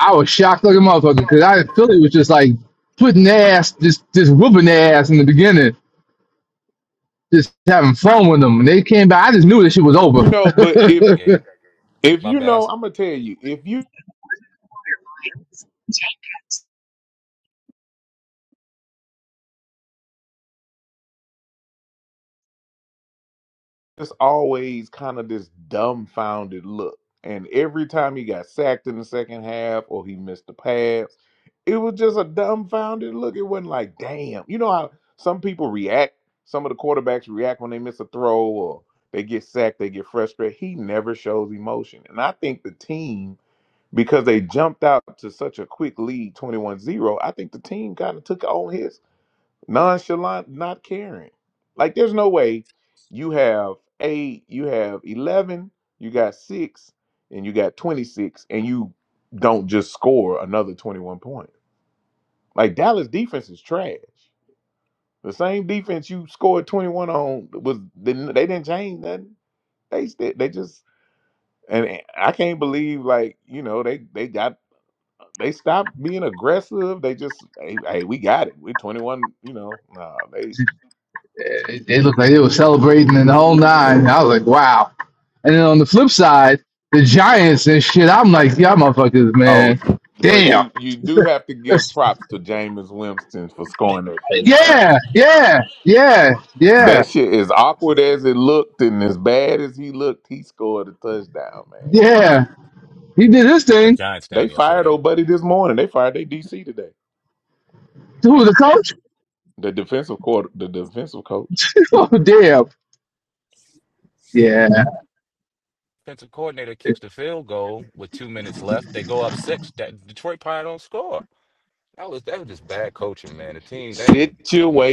[SPEAKER 1] I was shocked like a motherfucker because I Philly was just like putting their ass just just whooping their ass in the beginning, just having fun with them. And they came back. I just knew this shit was over.
[SPEAKER 13] game. My bad. I s-
[SPEAKER 1] It, looked like they were celebrating in the whole nine. I was like, wow. And then on the flip side, the Giants and shit, I'm like, y'all motherfuckers, man. Damn. Yeah, yeah, yeah, yeah, yeah. He did his
[SPEAKER 13] the
[SPEAKER 1] thing.
[SPEAKER 13] Giants down yesterday.
[SPEAKER 1] Who the coach? oh damn. Yeah.
[SPEAKER 13] Defensive coordinator kicks the field goal with two minutes left. They go up six. That Detroit probably don't score. That was that was just bad coaching, man. The team they mm.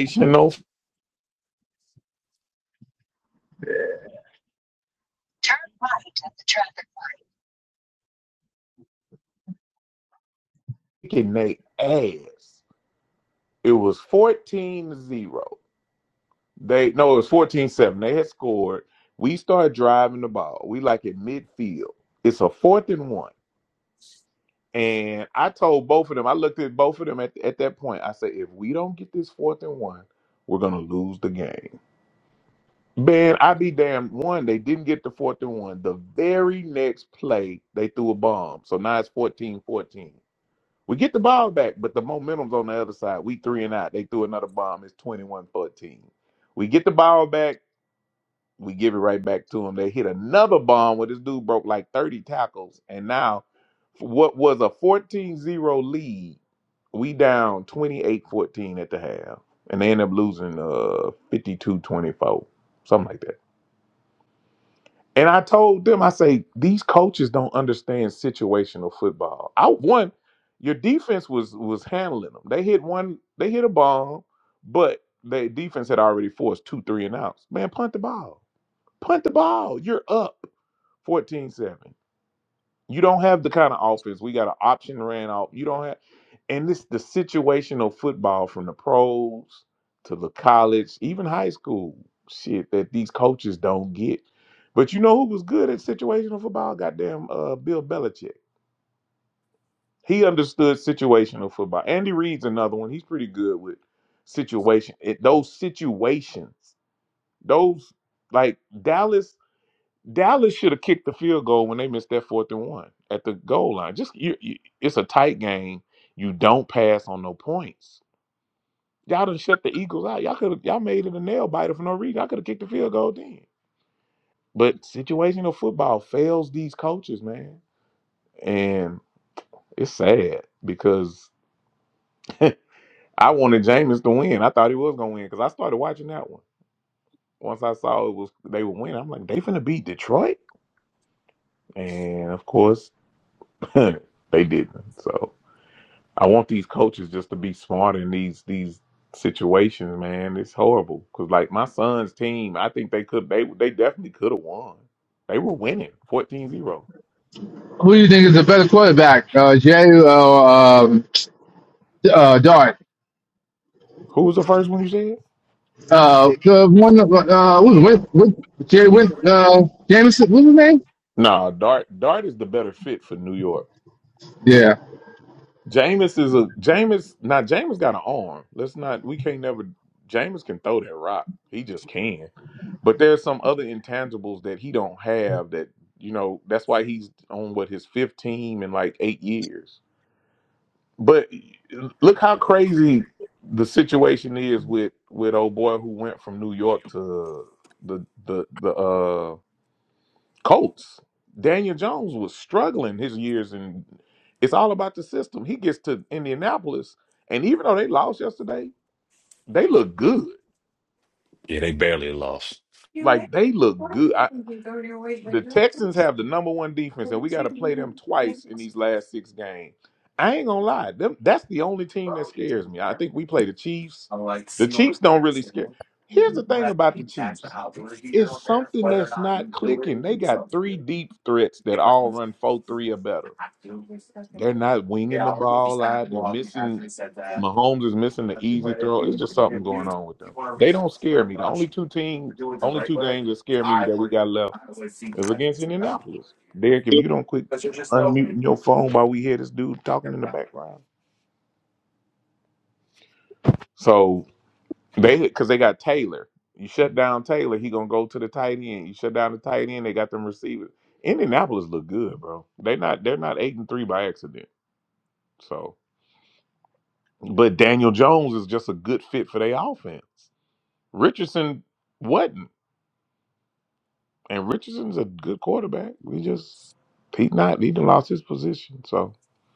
[SPEAKER 1] Who do you think is the better quarterback? Uh, Jay or um, uh, Dart? Uh, the one. Uh, what was it? Win, Win, Jay Win. Uh, Jameson. What's his name? Yeah.
[SPEAKER 13] yeah they barely lost.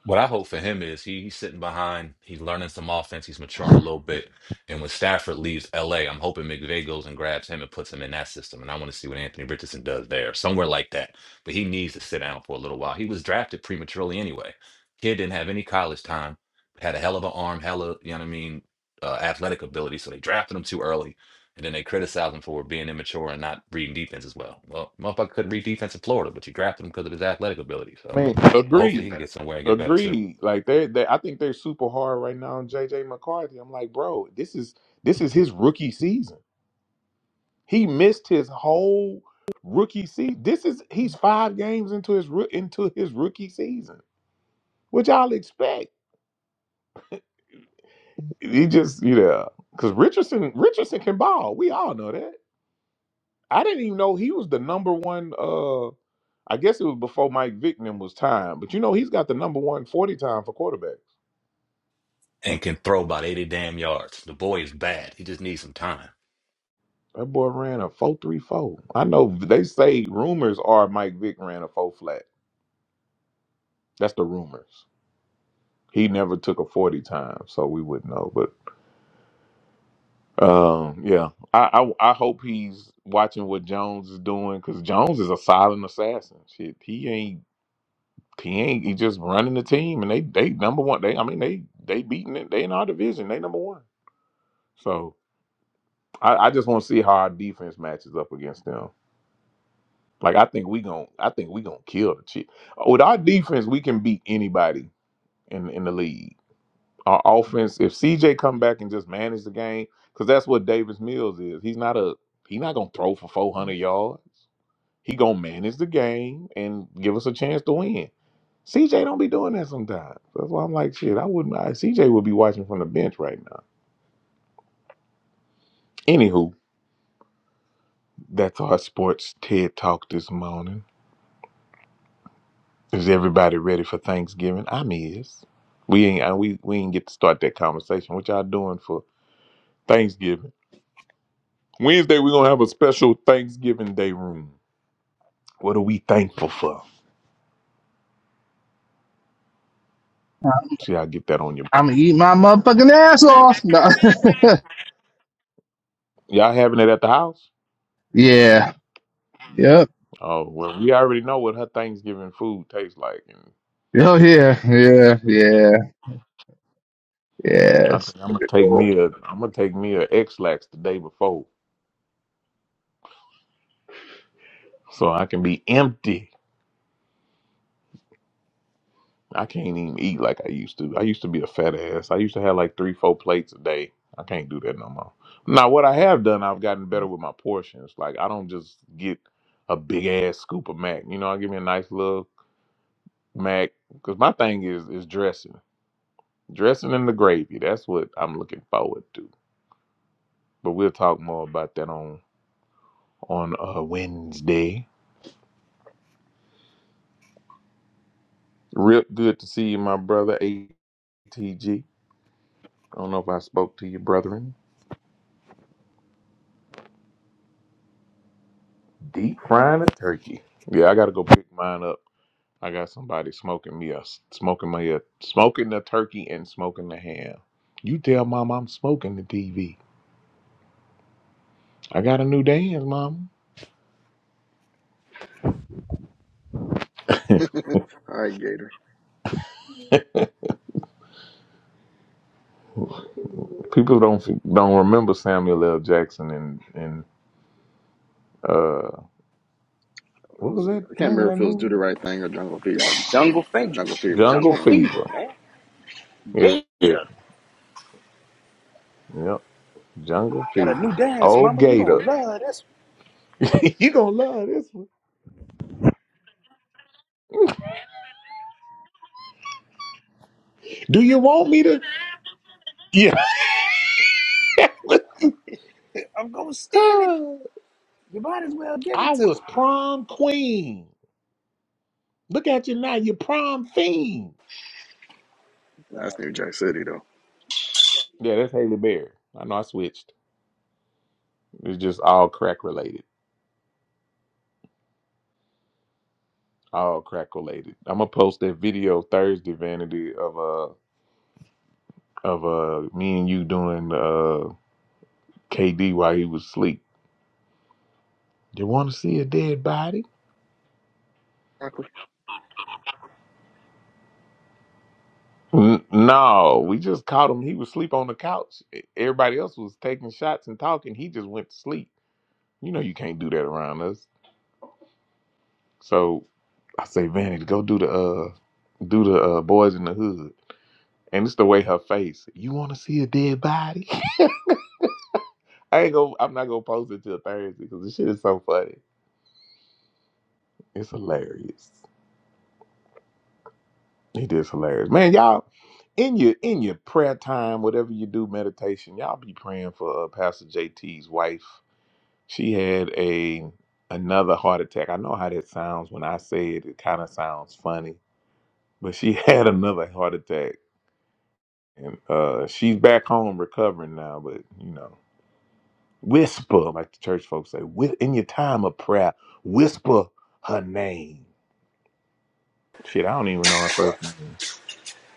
[SPEAKER 13] what I hope for him is he, he's sitting behind, he's learning some offense, he's maturing a little bit. And when Stafford leaves LA, I'm hoping McVay goes and grabs him and puts him in that system. And I want to see what Anthony Richardson does there, somewhere like that. But he needs to sit down for a little while. He was drafted prematurely anyway. Kid didn't have any college time, had a hell of an arm, hella, you know what I mean, uh, athletic ability. So they drafted him too early. And then they criticized him for being immature and not reading defense as well. Well, motherfucker couldn't read defense in Florida, but you drafted him because of his athletic ability.
[SPEAKER 2] I
[SPEAKER 13] So
[SPEAKER 2] mean,
[SPEAKER 13] but hopefully he can get somewhere and get better too. And can throw about 80 damn yards. The boy is bad. He just needs some time.
[SPEAKER 1] I'm gonna eat my motherfucking ass off. No. yeah. Yep. Oh yeah. Yeah. Yeah. Yes.
[SPEAKER 10] All right, Gator. It was, I can't remember if it was Do the Right Thing or Jungle Fever.
[SPEAKER 9] Jungle Fever.
[SPEAKER 10] Jungle Fever. That's
[SPEAKER 9] Jungle
[SPEAKER 10] right.
[SPEAKER 9] Fever, man. Gator. Got a new dance, mama. You gonna love this. I'm gonna steal it. You might as well give it to me.
[SPEAKER 10] That's New Jack City though. Fuck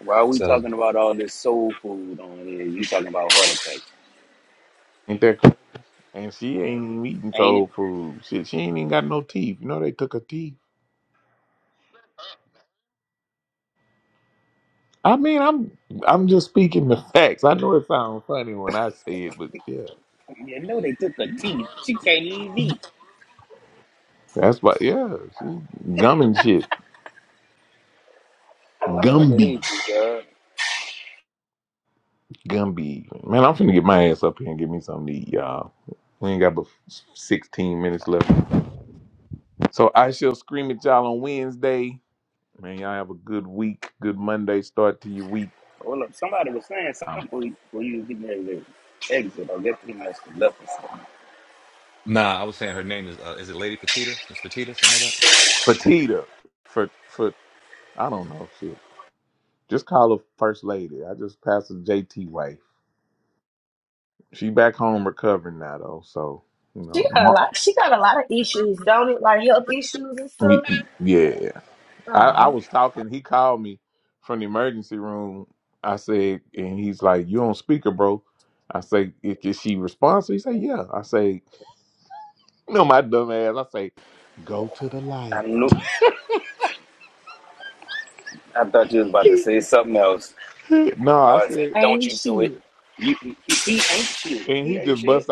[SPEAKER 9] Why are we
[SPEAKER 13] So
[SPEAKER 9] talking about all this soul food on here? You talking about heart attack, ain't it? You know they took her teeth. She can't even eat. I fucking hate you, girl. Hold up. Somebody was saying something before you, was getting ready to exit or get pretty much left or something.
[SPEAKER 13] nah, I was saying her name is uh, is it Lady Petita? Is Petita something like that?
[SPEAKER 5] She got a lot. She got a lot of issues, don't it? Like health issues and stuff. Oh,
[SPEAKER 9] I knew. I thought you was about to say something else. I said, "Don't
[SPEAKER 5] ain't
[SPEAKER 9] you do it."
[SPEAKER 5] she?
[SPEAKER 9] You, he, he ain't shit. He ain't shit.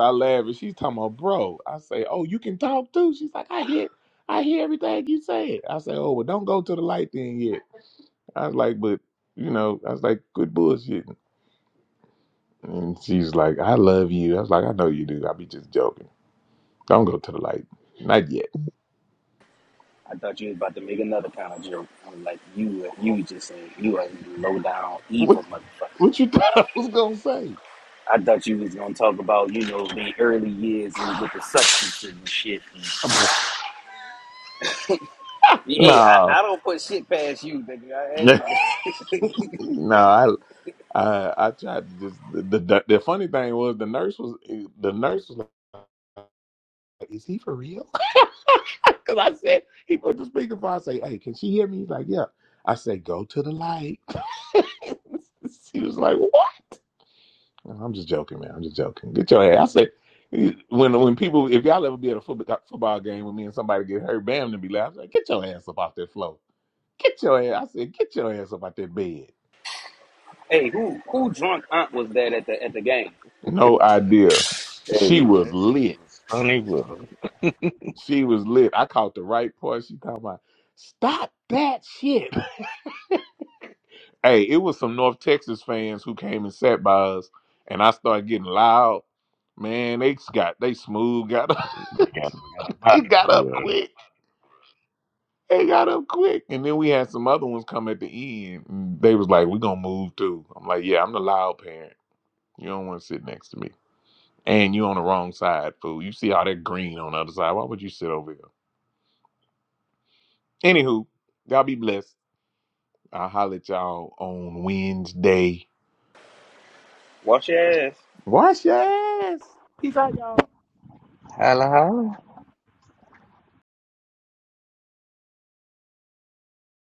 [SPEAKER 9] I thought you was about to make another kind of joke. I'm like, you, you just saying you a low down evil motherfucker. I thought you was gonna talk about you know the early years and with the substance and shit. Yeah, hey, I, I don't put shit past you, nigga. I, hey, hey, who who drunk aunt was that at the at the game?
[SPEAKER 3] Hey, that shit was funny, bro. They got, we got a partner, bro.
[SPEAKER 9] Wash your ass.
[SPEAKER 3] Holla, holla.